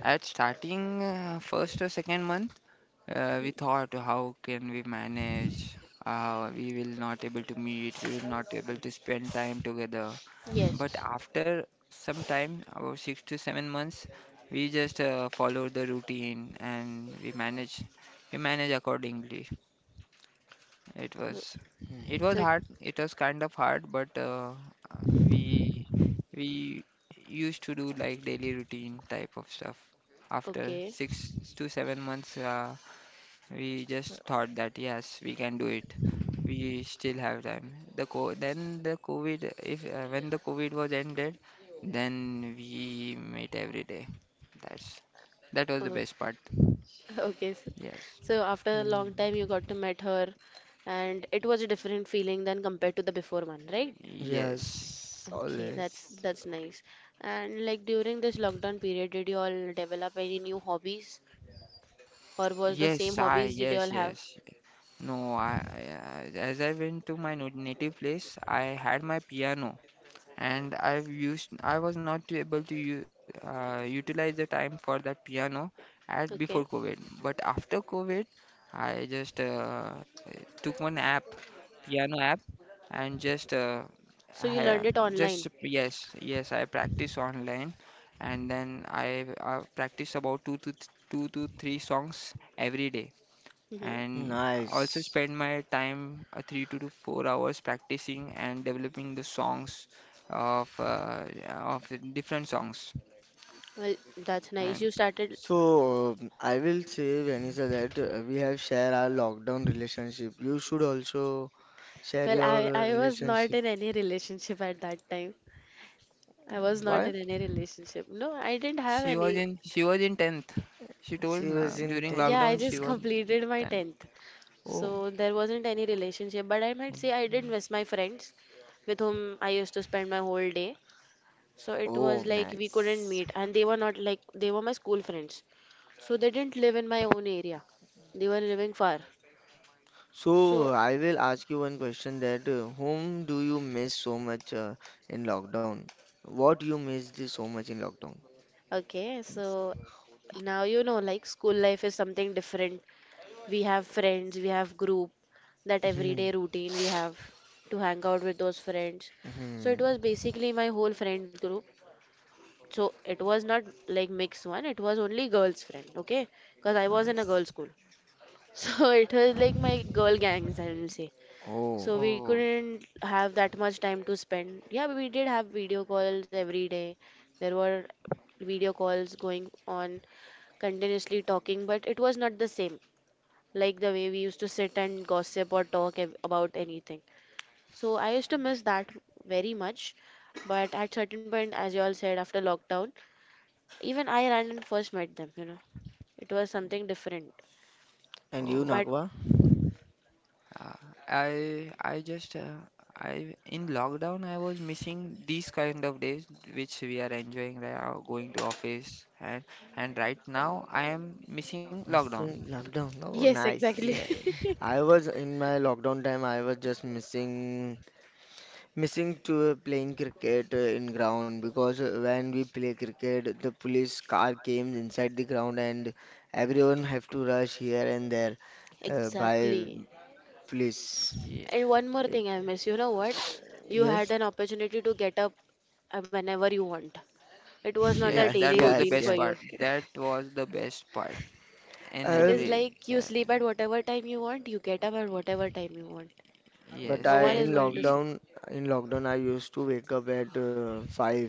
At starting uh, first or second month, uh,
Mm,
we thought how can we manage? Uh, we will not able to meet, we will not able to spend time together. But
yes.
after some time, about six to seven months, we just uh, follow the routine and we manage, we manage accordingly. It
Uh,
was it was
So it-
hard. It was kind of hard, but uh, uh, we we used to do like daily routine type of stuff. After
okay.
six to seven months, uh, we just thought that yes, we can do it. We still have time. The co then the COVID, if uh, when the COVID was ended, then we met every day. That's that was the
Uh,
best part.
okay. So,
Yes,
so after a long time,
Mm,
you got to meet her, and it was a different feeling than compared to the before one, right?
yes,
yes,
Okay,
always
that's that's nice. And like during this lockdown period, did you all develop any new hobbies, or was the same
yes. I
hobbies did you
yes,
all have?
yes, No, I, I- as I went to my no- native place, I had my piano, and I've used I was not able to u- uh, utilize the time for that piano at before
Okay,
COVID. But after COVID, I just uh, took one app, piano app, and just uh,
so you
I,
learned it
just,
online.
yes, yes, I practice online, and then I uh, practice about two to th two to three songs every day,
Mm-hmm.
and also
nice.
spend my time uh, three to to four hours practicing and developing the songs of uh, uh, of the different songs.
Well, that's nice.
And
You started.
So um, I will say, Vanessa, that uh, we have shared our lockdown relationship. You should also share
Well,
your,
I
uh,
I was not
relationship.
in any relationship at that time. I was not in
What?
any relationship. No, I didn't have
she was
any.
in she was in tenth. She
She
told
was
uh,
in
during
Yeah,
tenth.
I
lockdown she
just
was
completed my
tenth.
tenth.
Oh,
So there wasn't any relationship, but I might say I did miss my friends with whom I used to spend my whole day. So it was
oh,
like we couldn't
nice.
meet, and they were not like they were my school friends. So they didn't live in my own area. They were living far. So,
So I will ask you one question, that uh, whom do you miss so much uh, in lockdown? What you missed so much in lockdown?
okay, so now you know like school life is something different. We have friends, we have group, that
Hmm.
everyday routine we have to hang out with those friends. So it
Hmm.
was basically my whole friend group. So it was not like mixed one, it was only girls friend, okay? Because I was in a
Nice.
girls school. So it was like my girl gangs, I will say.
Oh,
So we
Oh,
couldn't have that much time to spend. Yeah, we did have video calls every day. There were video calls going on, continuously talking, but it was not the same like the way we used to sit and gossip or talk ab- about anything. So I used to miss that very much. But at certain point, as you all said, after lockdown, even I ran and first met them, you know. It was something different.
and you,
oh,
But
Nagwa?
uh, I I just, uh, I in lockdown, I was missing these kind of days which we are enjoying right now, going to office, and and right now I am missing lockdown.
Missing lockdown. Oh,
yes,
nice.
Yeah.
exactly.
I was in my lockdown time, I was just missing Missing to playing cricket uh, in ground, because uh, when we play cricket, the police car came inside the ground and everyone have to rush here and there, uh, by
Exactly.
police.
Ye-
And one more
It-
thing I miss, you know what? You had
Yes.
an opportunity to get up uh, whenever you want. It was not a
Yes,
Yes,
daily
that was the
yes,
routine for
best
yes.
you.
part. That was the best part in
It
Uh,
is
every,
like you
yeah.
sleep at whatever time you want, you get up at whatever time you want.
but
Yes,
No
I,
one
in
is
and
going to
it,
see.
lockdown, in lockdown, I used to wake up at uh, five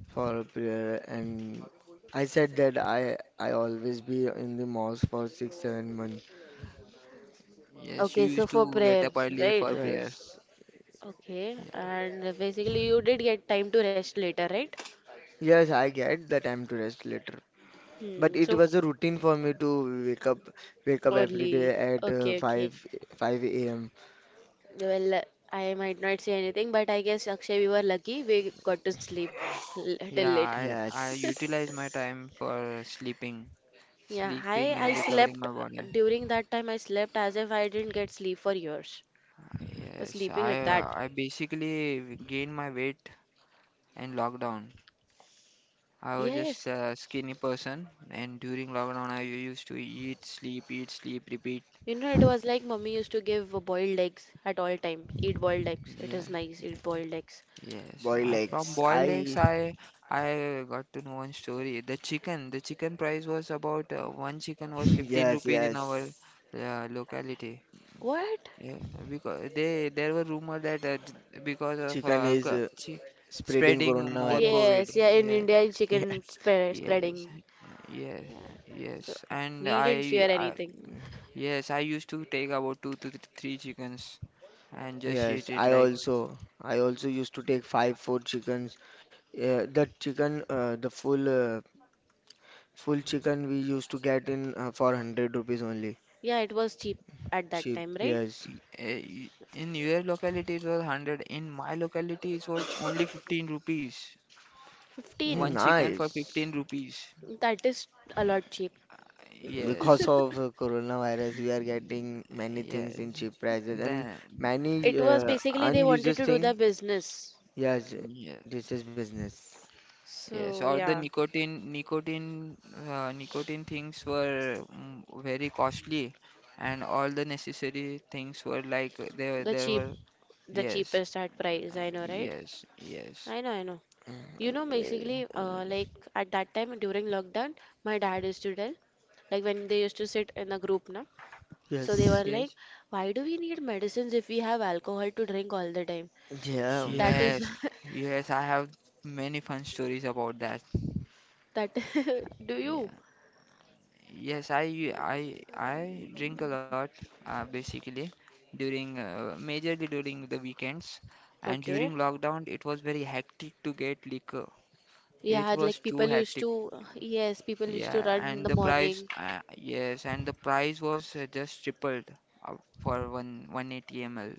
for a prayer, and I said that I I always be in the mosque for six seven months.
yes, you
Okay, so
used
for
to get up
prayers,
early
right?
for prayer.
Yes,
Okay,
Yeah,
and basically you did get time to rest later, right?
yes, I get the time to rest later.
Hmm,
But it
so
was a routine for me to wake up wake up every
only.
day at
Okay,
uh,
okay.
five five a m.
Well, I might not say anything, but I guess Akshay, we were lucky. We got to sleep l- till
yeah.
late.
I I utilize my
Yes.
time for sleeping,
Yeah, I
sleeping
I
and recovering
slept
my body.
during that time. I slept as if I didn't get sleep for years. Was
Yes,
sleeping
I,
like that.
uh, I basically gained my weight in lockdown. I was just
Yes,
a skinny person, and during lockdown, I used to eat, sleep, eat, sleep, repeat.
you know it was like mummy used to give boiled eggs at all time. Eat boiled eggs. It
Yeah.
is nice. Eat boiled eggs.
Yes,
Boy
I from
legs.
boiled
I
eggs, I I got to know one story. The chicken, the chicken price was about, uh, one chicken was fifteen
Yes,
rupees in our
yes.
uh, locality.
What?
Yeah, because they there were rumor that uh, d- because of
Chicken
uh,
is
co-
uh,
chi-
spreading
spreading more
coronavirus.
COVID.
Yes, yeah. In
Yeah,
India, in chicken
Yes.
spread,
yes,
spreading.
yes,
Yeah. So
yes. And
we didn't
I,
fear
I
anything.
yes I used to take about two to th- three chickens and just
Yes,
eat it
I
like.
also I also used to take five four chickens. Uh, the chicken, uh, the full uh, full chicken we used to get, in uh, for one hundred rupees only.
Yeah, it was cheap at that
Cheap.
time, right?
Yes.
Y- eh, In your locality it was one hundred. In my locality it was only fifteen rupees.
Mm,
fifteen.
One chicken for
nice.
fifteen rupees.
That is a lot cheap.
Yes.
Because of uh, coronavirus,
Mm.
we are getting many things in
Yes.
cheap prices, and
Then,
many
It was
uh,
basically they wanted
unused
to do the
thing.
business.
Yes,
yes.
this is business.
So
Yes, or the
yeah.
nicotine nicotine uh, nicotine things were, mm, very costly, and all the necessary things were like there
The
there
cheap,
were,
the
yes.
cheapest at price,
um,
I know, right?
Yes. Yes.
I know, I know. You know,
Uh,
Yeah.
basically, uh, like at that time during lockdown, my dad used to tell, like when they used to sit in a group, na, so they were
Yes,
like,
Yes.
why do we need medicines if we have alcohol to drink all the time?
yeah.
That is,
Yes, yes, I have many fun stories about that.
that do you?
Yeah. Yes, I u- I I drink a lot, uh, basically during, uh, majorly during the weekends, and during
Okay.
lockdown it was very hectic to get liquor. It
Yeah,
was
like
too
people used
hectic.
to, yes, people used to
Yeah,
run in
and
the
the price,
morning.
uh, yes, and the price was, uh, just tripled, uh, for one 180 ml.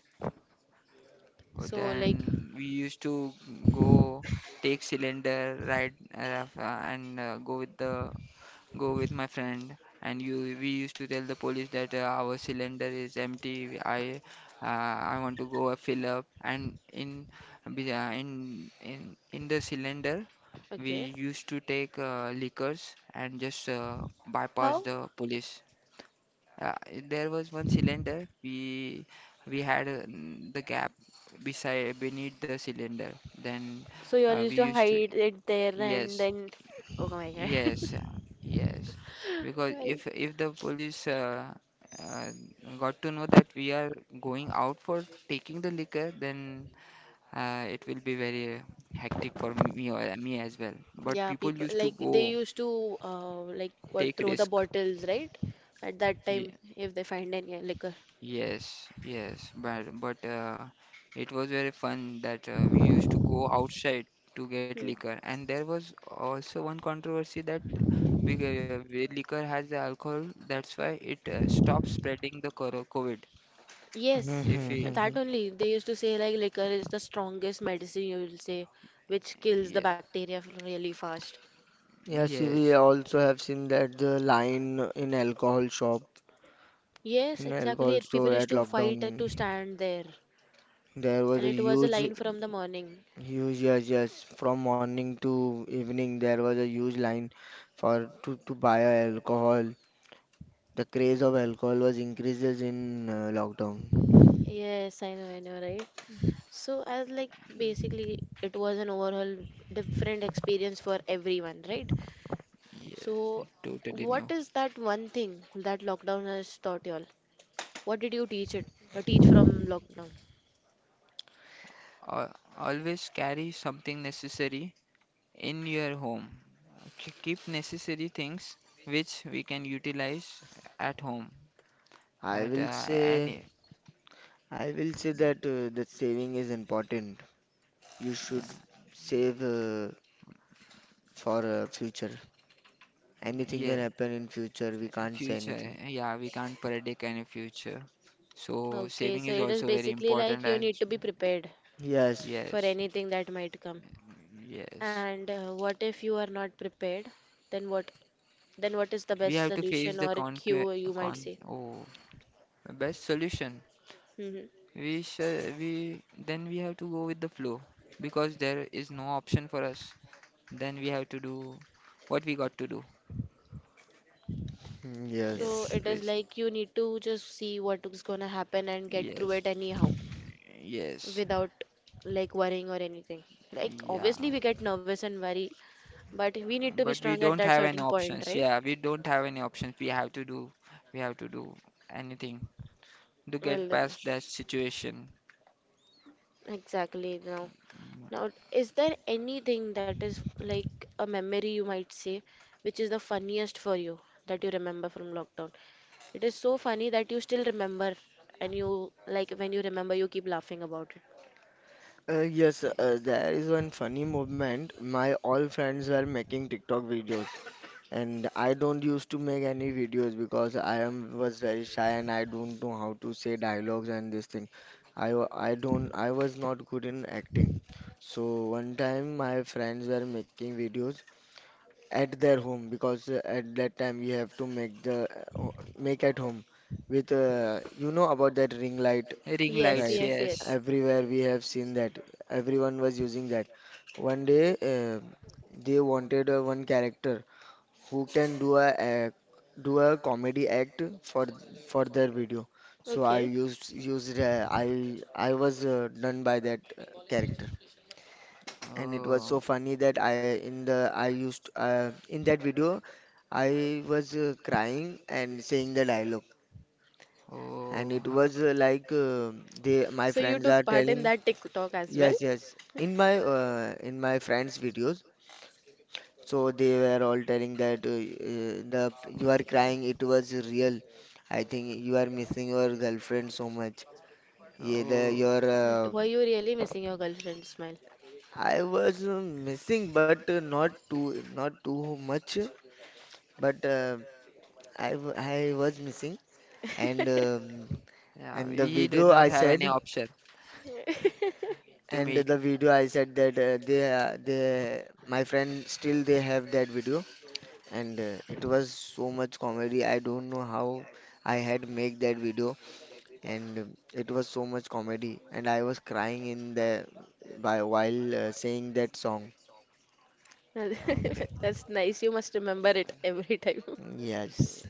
So like,
Then we used to go take cylinder ride, uh, and uh, go with the go with my friend. And you we used to tell the police that uh, our cylinder is empty. I uh, I want to go uh, fill up. And in be- uh, in in in the cylinder, we
okay.
used to take uh, liquors and just uh, bypass
How?
the police. Uh, there was one cylinder. We we had, uh, n- the gap beside, beneath the cylinder. Then,
So you all
uh,
used
we
to
used to,
hide it there and
yes,
then. Oh my God.
yes, uh, yes. Because
Well,
if if the police, uh, uh, got to know that we are going out for taking the liquor, then uh, it will be very hectic for me, or me as well. But
yeah,
people
people
used to
like they
go,
used to uh, like what
take
throw the
risk.
bottles, right? At that time,
Yeah.
if they find any uh, liquor.
Yes, yes, but but uh, it was very fun that, uh, we used to go outside to get
Hmm.
liquor, and there was also one controversy that big, uh, where liquor has the alcohol, that's why it uh, stops spreading the coro- COVID.
Yes,
If we,
that
Mhm.
only. They used to say like liquor is the strongest medicine, you will say, which kills
Yeah,
the bacteria f- really fast.
Yes,
yes,
we also have seen that the line in alcohol shop,
Yes,
in
exactly.
alcohol
It, people
store
used
at
to fight to
lockdown,
stand there,
there was
and
a
it was a
huge,
line from the morning.
huge, yes, yes, from morning to evening, there was a huge line for to to buy alcohol. The craze of alcohol was increases in uh, lockdown.
Yes, I know, I know, right? So, as like basically, it was an overall different experience for everyone, right?
yes,
So,
totally
what
new.
is that one thing that lockdown has taught y'all? What did you teach it or teach from lockdown?
Al Always carry something necessary in your home. K- Keep necessary things which we can utilize at home
i
at,
will
uh,
say
any.
I will say that uh, that saving is important. You should save, uh, for, uh, future. Anything
Yeah,
can happen in future, we can't say
future.
anything.
Yeah, we can't predict any future. So
Okay,
saving
so
is
it is
also very
basically
important
like you
as,
need to be prepared
Yes.
for
yes,
anything that might come.
yes.
And uh, what if you are not prepared? Then what then what is the
We
best
have to face
solution
the
or
con
cure you might
con
say?
oh best solution.
Hmm.
We should we then we have to go with the flow because there is no option for us. Then we have to do what we got to do.
Mm,
So,
Yes,
yes.
it is
basi-
like you need to just see what is gonna happen and get through
yes,
it anyhow.
yes,
Without like worrying or anything. Like
yeah.
obviously we get nervous and worry, but we need to be
But we
strong at
don't
that
have any
certain point,
options.
right?
Yeah, we don't have any options. We have to do, we have to do anything to get
Well,
past that situation.
exactly now.
Mm.
Now, is there anything that is like a memory you might say, which is the funniest for you that you remember from lockdown? It is so funny that you still remember, and you like when you remember, you keep laughing about it.
Uh, yes, uh, there is one funny movement. My all friends were making TikTok videos. And I don't used to make any videos because I am was very shy, and I don't know how to say dialogues and this thing. I wa- I don't I was not good in acting. So one time my friends were making videos at their home, because uh, at that time we have to make the uh, ho- make at home with, uh, you know about that ring light,
Ring
Yes,
lights,
right?
yes,
yes.
yes.
Everywhere we have seen that. Everyone was using that. One day, uh, they wanted uh, one character who can do a act, do a comedy act for for their video. So I
Okay.
used used uh, I I was, uh, done by that, uh, character, and it was
Oh,
so funny that I in the I used uh, in that video I was, uh, crying and saying the dialogue, and
oh,
it was, uh, like, uh, they my
So you
friends are
took part in
telling,
that TikTok as well?
yes, yes, in my, uh, in my friends' videos. So they were all telling that, uh, uh, the you are crying, it was real. I think you are missing your girlfriend so much. Yeah, the,
oh.
your, uh,
Were you really missing your girlfriend's smile?
I was uh, missing, but, uh, not too not too much. But uh, I w- I was missing, and um,
Yeah,
and the
we did
video
not
I
have any
said,
option to meet.
and the video I said that uh, they uh, they my friend still they have that video, and uh, it was so much comedy. I don't know how I had make that video, and um, it was so much comedy, and I was crying in the by while uh, saying that song.
Okay.
That's nice. You must remember it every time.
Yes.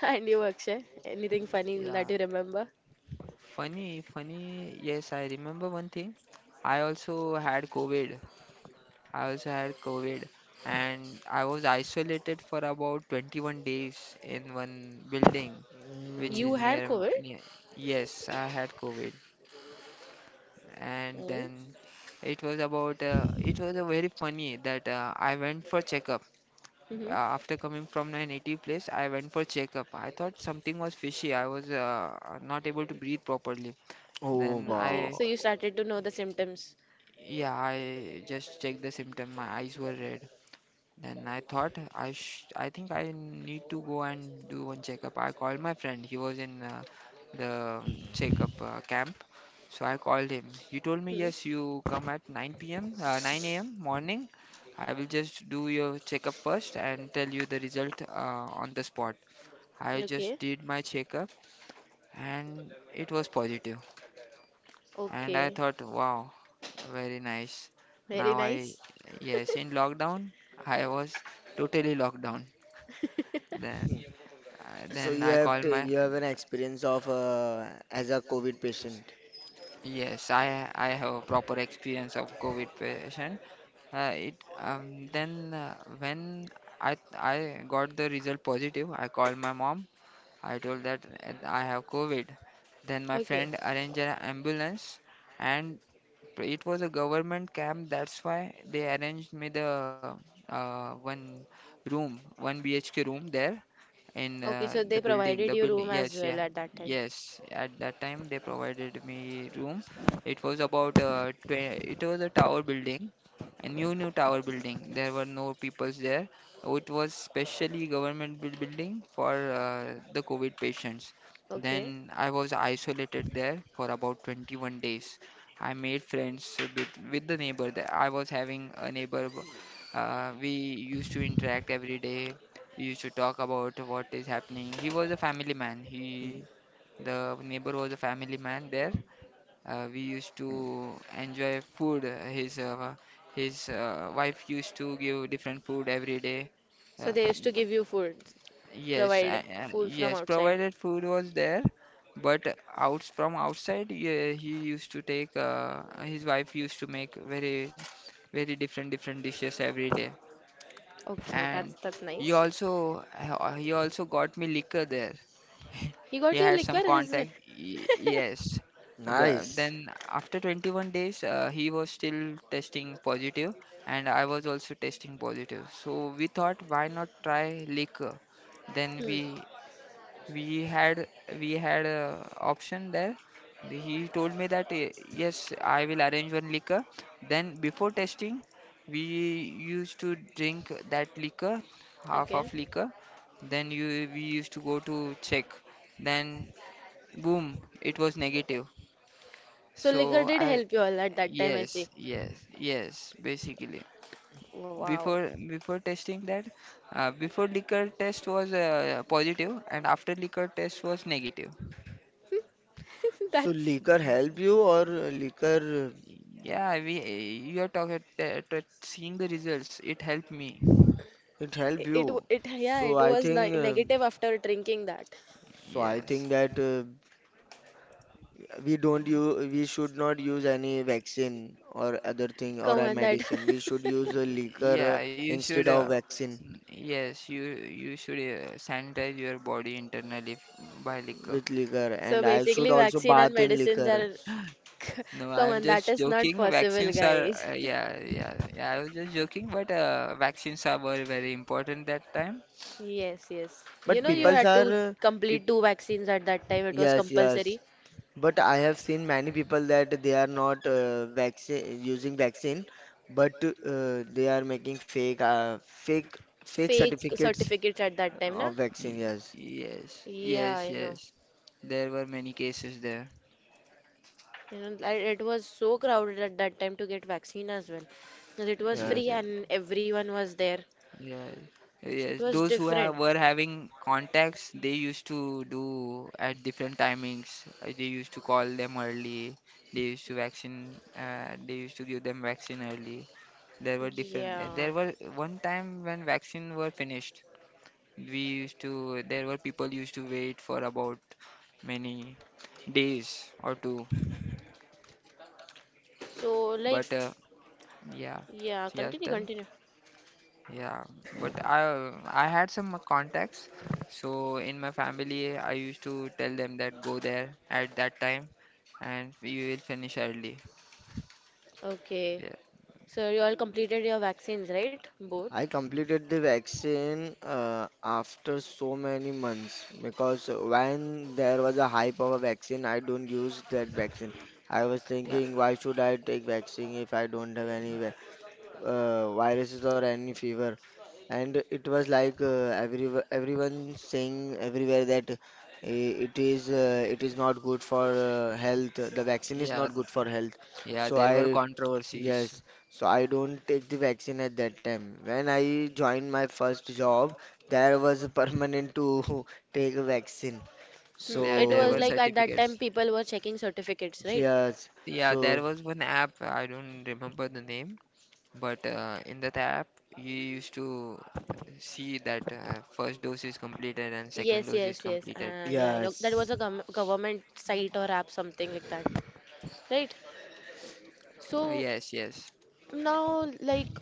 And you, Akshay, anything funny that
Yeah.
you remember?
Funny, funny. Yes, I remember one thing. I also had COVID. I also had COVID and I was isolated for about twenty-one days in one building which
You
is
Mm.
had
near, m-
COVID?
near. Yes, I had COVID, and
Mm-hmm.
then it was about, uh, it was a very funny that, uh, I went for checkup uh, after coming from my native place. I went for checkup. I thought something was fishy. I was uh, not able to breathe properly.
Oh,
Then
wow.
Okay,
I,
so you started to know the symptoms.
yeah, I just checked the symptom. My eyes were red. Then I thought, I sh I think I need to go and do one checkup. I called my friend. He was in uh, the um, checkup uh, camp. So I called him. He told me,
Hmm.
"Yes, you come at nine p m uh, nine a m morning. I will just do your checkup first and tell you the result, uh, on the spot." I
Okay,
just did my checkup, and it was positive. And I
okay.
thought, "Wow, very nice."
Very
Now I,
nice.
yes, in lockdown, I was totally locked down. Then Uh,
So
then
you
I
have
call
to,
my.
you have an experience of uh, as a COVID patient.
Yes, I I have a proper experience of COVID patient. Uh, it um, then uh, when I I got the result positive, I called my mom. I told that uh, I have COVID. Then my
Okay,
friend arranged an ambulance, and it was a government camp. That's why they arranged me the uh, one room, one B H K room there. In
okay,
uh,
so
the
they
building the
provided you
building,
room as
yes, yeah,
well at that time.
yes, at that time they provided me room. It was about, uh, tw- it was a tower building, a new new tower building. There were no peoples there. It was specially government buil- building for uh, the covid patients.
Okay,
Then I was isolated there for about twenty-one days. I made friends with, with the neighbor there. I was having a neighbor. Uh, we used to interact every day. We used to talk about what is happening. He was a family man.
Mm.
He, the neighbor, was a family man there. Uh, we used
Mm.
to enjoy food. His uh, his uh, wife used to give different food every day.
so
Uh,
they used to give you food,
yes, uh,
provide
uh,
food from
yes,
outside.
provided food was there, but out from outside, yeah, he used to take. Uh, his wife used to make very, very different different dishes every day,
Okay, that's
and
that's
he
nice.
also he also got me liquor there.
You
He
got your
had
liquor
some
as well.
contact. y- Yes. But
Nice.
then, after twenty-one days, uh, he was still testing positive, and I was also testing positive. So we thought, why not try liquor? Then
Hmm.
we we had we had a option there. He told me that, "Y- Yes, I will arrange one liquor. Then before testing, we used to drink that liquor, half
Okay.
of liquor. Then you we used to go to check. Then boom, it was negative."
So
So
liquor did
I,
help you all at that time, I
yes,
see.
yes, yes, basically,
Wow.
before before testing that, uh, before liquor test was uh, positive, and after liquor test was negative.
So
That's
liquor help you, or, uh, liquor,
Yeah, we you are talking, t- t- seeing the results, it helped me.
uh, it help
it. w-
you.
It yeah,
So
it
I
was ne
think um
negative after drinking that.
so I
Yes,
think that uh, we don't use we should not use any vaccine or other thing or
Come
a
on, that.
medicine, we should use a liquor
yeah, you should,
instead
uh,
of vaccine.
n- yes, you you should uh, sanitize your body internally, f- by liquor.
With liquor,
So
and I should
basically,
also
vaccine and
bath in
medicines
liquor.
are.
No,
Come
I'm
on, that
just
is not
joking.
possible,
Vaccines are,
guys.
uh, yeah, yeah, yeah. I was just joking, but uh, vaccines are were very important that time.
Yes, yes. You
But
know, you
Yeah,
people
had
are
to
uh, peop
complete two vaccines at that time. It was
Yes, yes.
compulsory.
But I have seen many people that they are not, uh, vaccine using vaccine, but uh, they are making fake, uh, fake fake
Fake
certificates
certificates at that time, na?
of vaccine.
y-
Yes,
yes,
Yeah,
yes,
I know.
yes. There were many cases there.
You know, li- it was so crowded at that time to get vaccine as well, because it was
yes.
free
Yeah,
and everyone was there.
yes,
So it
yes.
was
Those who have
different.
were having contacts, they used to do at different timings. Uh, They used to call them early. They used to vaccine. Uh, they used to give them vaccine early. There were different. uh,
Yeah.
There were one time when vaccine were finished. We used to. There were people used to wait for about many days or two.
So like,
But uh, yeah,
yeah,
yeah.
continue, continue.
Yeah, but I I had some contacts. So in my family, I used to tell them that go there at that time, and you will finish early.
Okay.
Yeah,
So you all completed your vaccines, right? Both.
I completed the vaccine uh, after so many months, because when there was a hype of a vaccine, I don't use that vaccine. I was
yeah,
thinking, why should I take vaccine if I don't have any vi- uh, viruses or any fever? And it was like, uh, every everyone saying everywhere that uh, it is uh, it is not good for, uh, health. The vaccine is
yeah,
not good for health.
yeah.
So
There were
I
controversies.
Yes, so I don't take the vaccine at that time. When I joined my first job, there was a permanent to take a vaccine.
Hmm.
Yeah,
It
there
was
were
So
like at that time
certificates.
people were checking certificates, right?
yes,
Yeah, there
so
was one app. I don't remember the name, but uh, in that app, you used to see that uh, first dose is completed and second
Yes,
dose is
yes, yes.
completed.
Uh, yeah, I know that
yes,
was a gov government site or app, something like that, right?
Uh,
So
yes, yes.
now, like,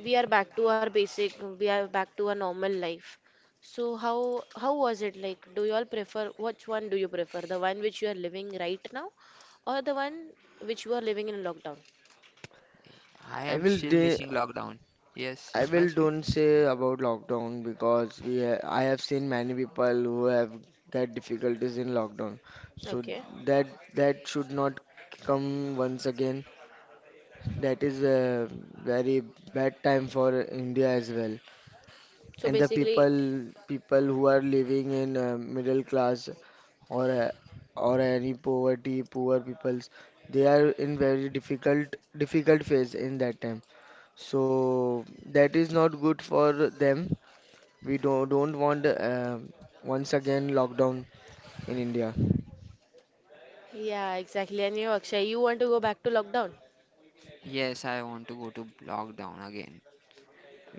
we are back to our basic we are back to our normal life, so how how was it like, do you all prefer which one do you prefer, the one which you are living right now or the one which you are living in lockdown?
I
I
am
will
still
de
missing lockdown. Yes,
I will
Ismail speak.
don't say about lockdown, because we ha I have seen many people who have got difficulties in lockdown. So
Okay.
that that should not come once again. That is a very bad time for India as well.
So
And the
basically,
people people who are living in uh, middle class, or, uh, or any poverty poor peoples, they are in very difficult difficult phase in that time. So that is not good for them, we don't don't want, uh, once again lockdown in India.
yeah exactly, and you Akshay, you want to go back to lockdown,
Yes, I want to go to lockdown again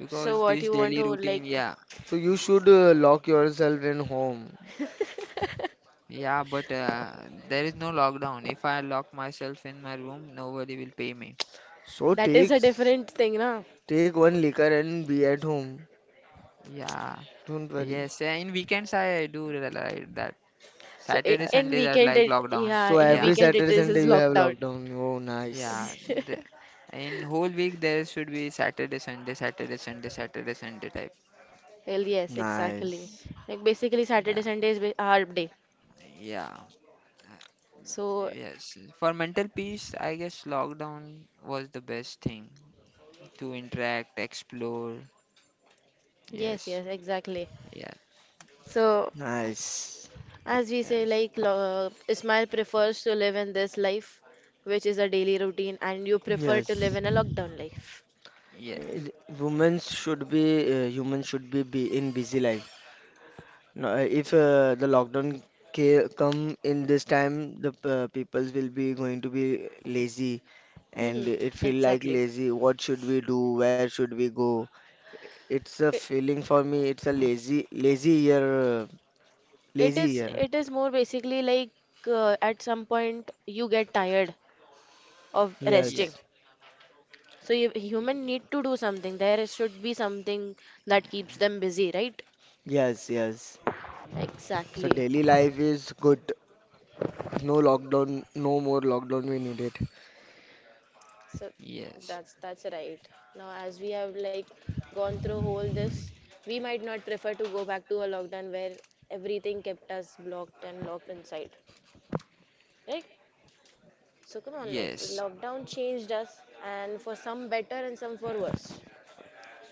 so what you
this
want to
daily routine,
like?
yeah,
So you should, uh, lock yourself in home.
yeah, but uh, there is no lockdown. If I lock myself in my room, nobody will pay me.
So
That is
take
a different thing na.
take one liquor and be at home,
Yeah,
don't worry.
yes, uh, in weekends I do re- like that.
So i-
Saturday,
Uh,
in
Sundays are
weekend,
like
it
lockdown.
yeah,
so
in
Yeah,
every
weekend it
Saturday,
is is
Sunday you have
lockdown.
lockdown? Oh, nice.
yeah. The, in whole week there should be Saturday, Sunday, Saturday, Sunday, Saturday, Sunday type.
Well yes exactly,
Nice,
like basically
Yeah,
saturday sunday is ba- our day.
yeah.
So
Yes, for mental peace, I guess lockdown was the best thing to interact, explore.
yes,
Yes,
yes, exactly.
yeah,
So,
nice.
as we say,
yes,
like lo- uh, Ismail prefers to live in this life, which is a daily routine, and you prefer to live
Yes.
in a lockdown life.
yeah,
It- women should be uh, Humans should be, be in busy life. No, uh, if uh, the lockdown ca- come in this time, the, uh, peoples will be going to be lazy, and
Mhm.
it feel like
Exactly.
lazy. What should we do? Where should we go? It's a
It,
feeling for me. It's a lazy, lazy year, uh,
it
lazy
is
year.
it is more basically like uh, at some point you get tired of
yeah,
resting.
Yes,
So you, human
yeah,
need to do something. There is- should be something that keeps
yeah,
them busy, right?
yes, yes. So
Exactly.
daily life is good. No lockdown, no more lockdown we needed.
So
yes,
that's that's right. Now, as we have like gone through whole this, we might not prefer to go back to a lockdown where everything kept us blocked and locked inside, right? So come on, like
yes,
lockdown changed us, and for some better and some for worse.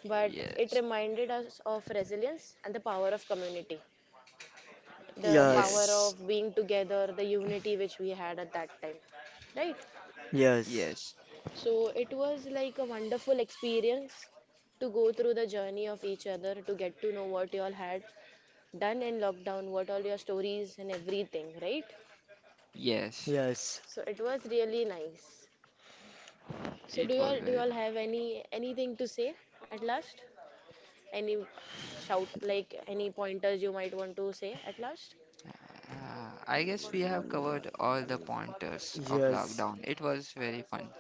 But it
yes,
reminded us of resilience and the power of community, the power
yes,
Yes,
of being together, the unity which we had at that time, right?
yes,
yes,
So it was like a wonderful experience to go through the journey of each other to get to know what you all had done in lockdown, what all your stories and everything, right?
yes.
yes.
So it was really nice. So do
It
you
was
all do you
very.
all have any anything to say at last? Any shout like any pointers you might want to say at last?
Uh, I guess we have covered all the
Mm,
pointers of
yes.
lockdown. It was very fun.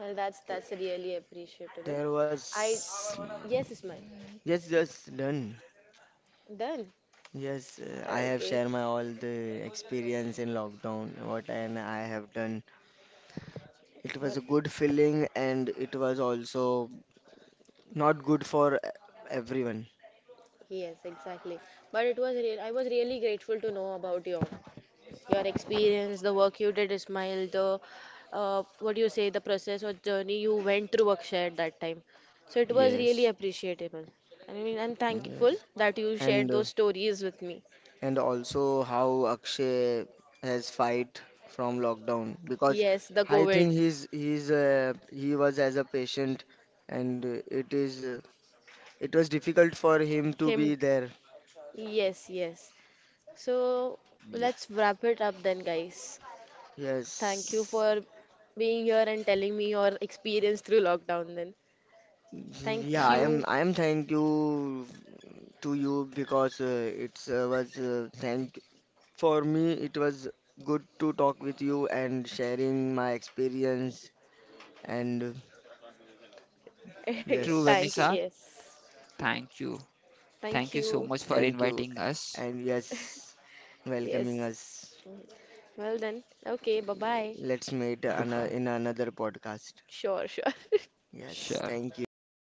Well, that's that's really appreciable.
There
I
was.
yes, Ismail.
Yes, yes, done.
Done.
Yes, uh, I have
Okay.
shared my all the experience in lockdown, what and I have done. It
Well,
was a good feeling, and it was also not good for e- everyone.
yes, exactly. But it was real. I was really grateful to know about your your experience, the work you did, Ismail, the uh, what do you say, the process or journey you went through Akshay at that time. So it was really
Yes,
appreciable. I mean, I'm thankful
Yes,
that you
and
shared
uh,
those stories with me.
and also how Akshay has fight from lockdown, because
Yes, the
I
COVID,
think he's he's uh, he was as a patient, and uh, it is uh, it was difficult for him to
him.
be there.
Yes, yes. So
yeah,
let's wrap it up then, guys. Thank you
Yes.
for being here and telling me your experience through lockdown then.
Yeah,
Thank
yeah.
I
you.
am I am thank you to you, because uh, it uh, was uh, thank for me it was good to talk with you and sharing my experience, and uh,
True,
Thank
yes.
you.
Vanessa.
Yes.
Thank you.
Thank
Thank you so
you.
much for
Thank you,
inviting us.
and yes, welcoming
Yes.
us.
Mm. Well then. Okay. Bye bye.
Let's meet
Bye
another
bye.
in another podcast.
Sure, sure.
Yes,
Sure.
thank you.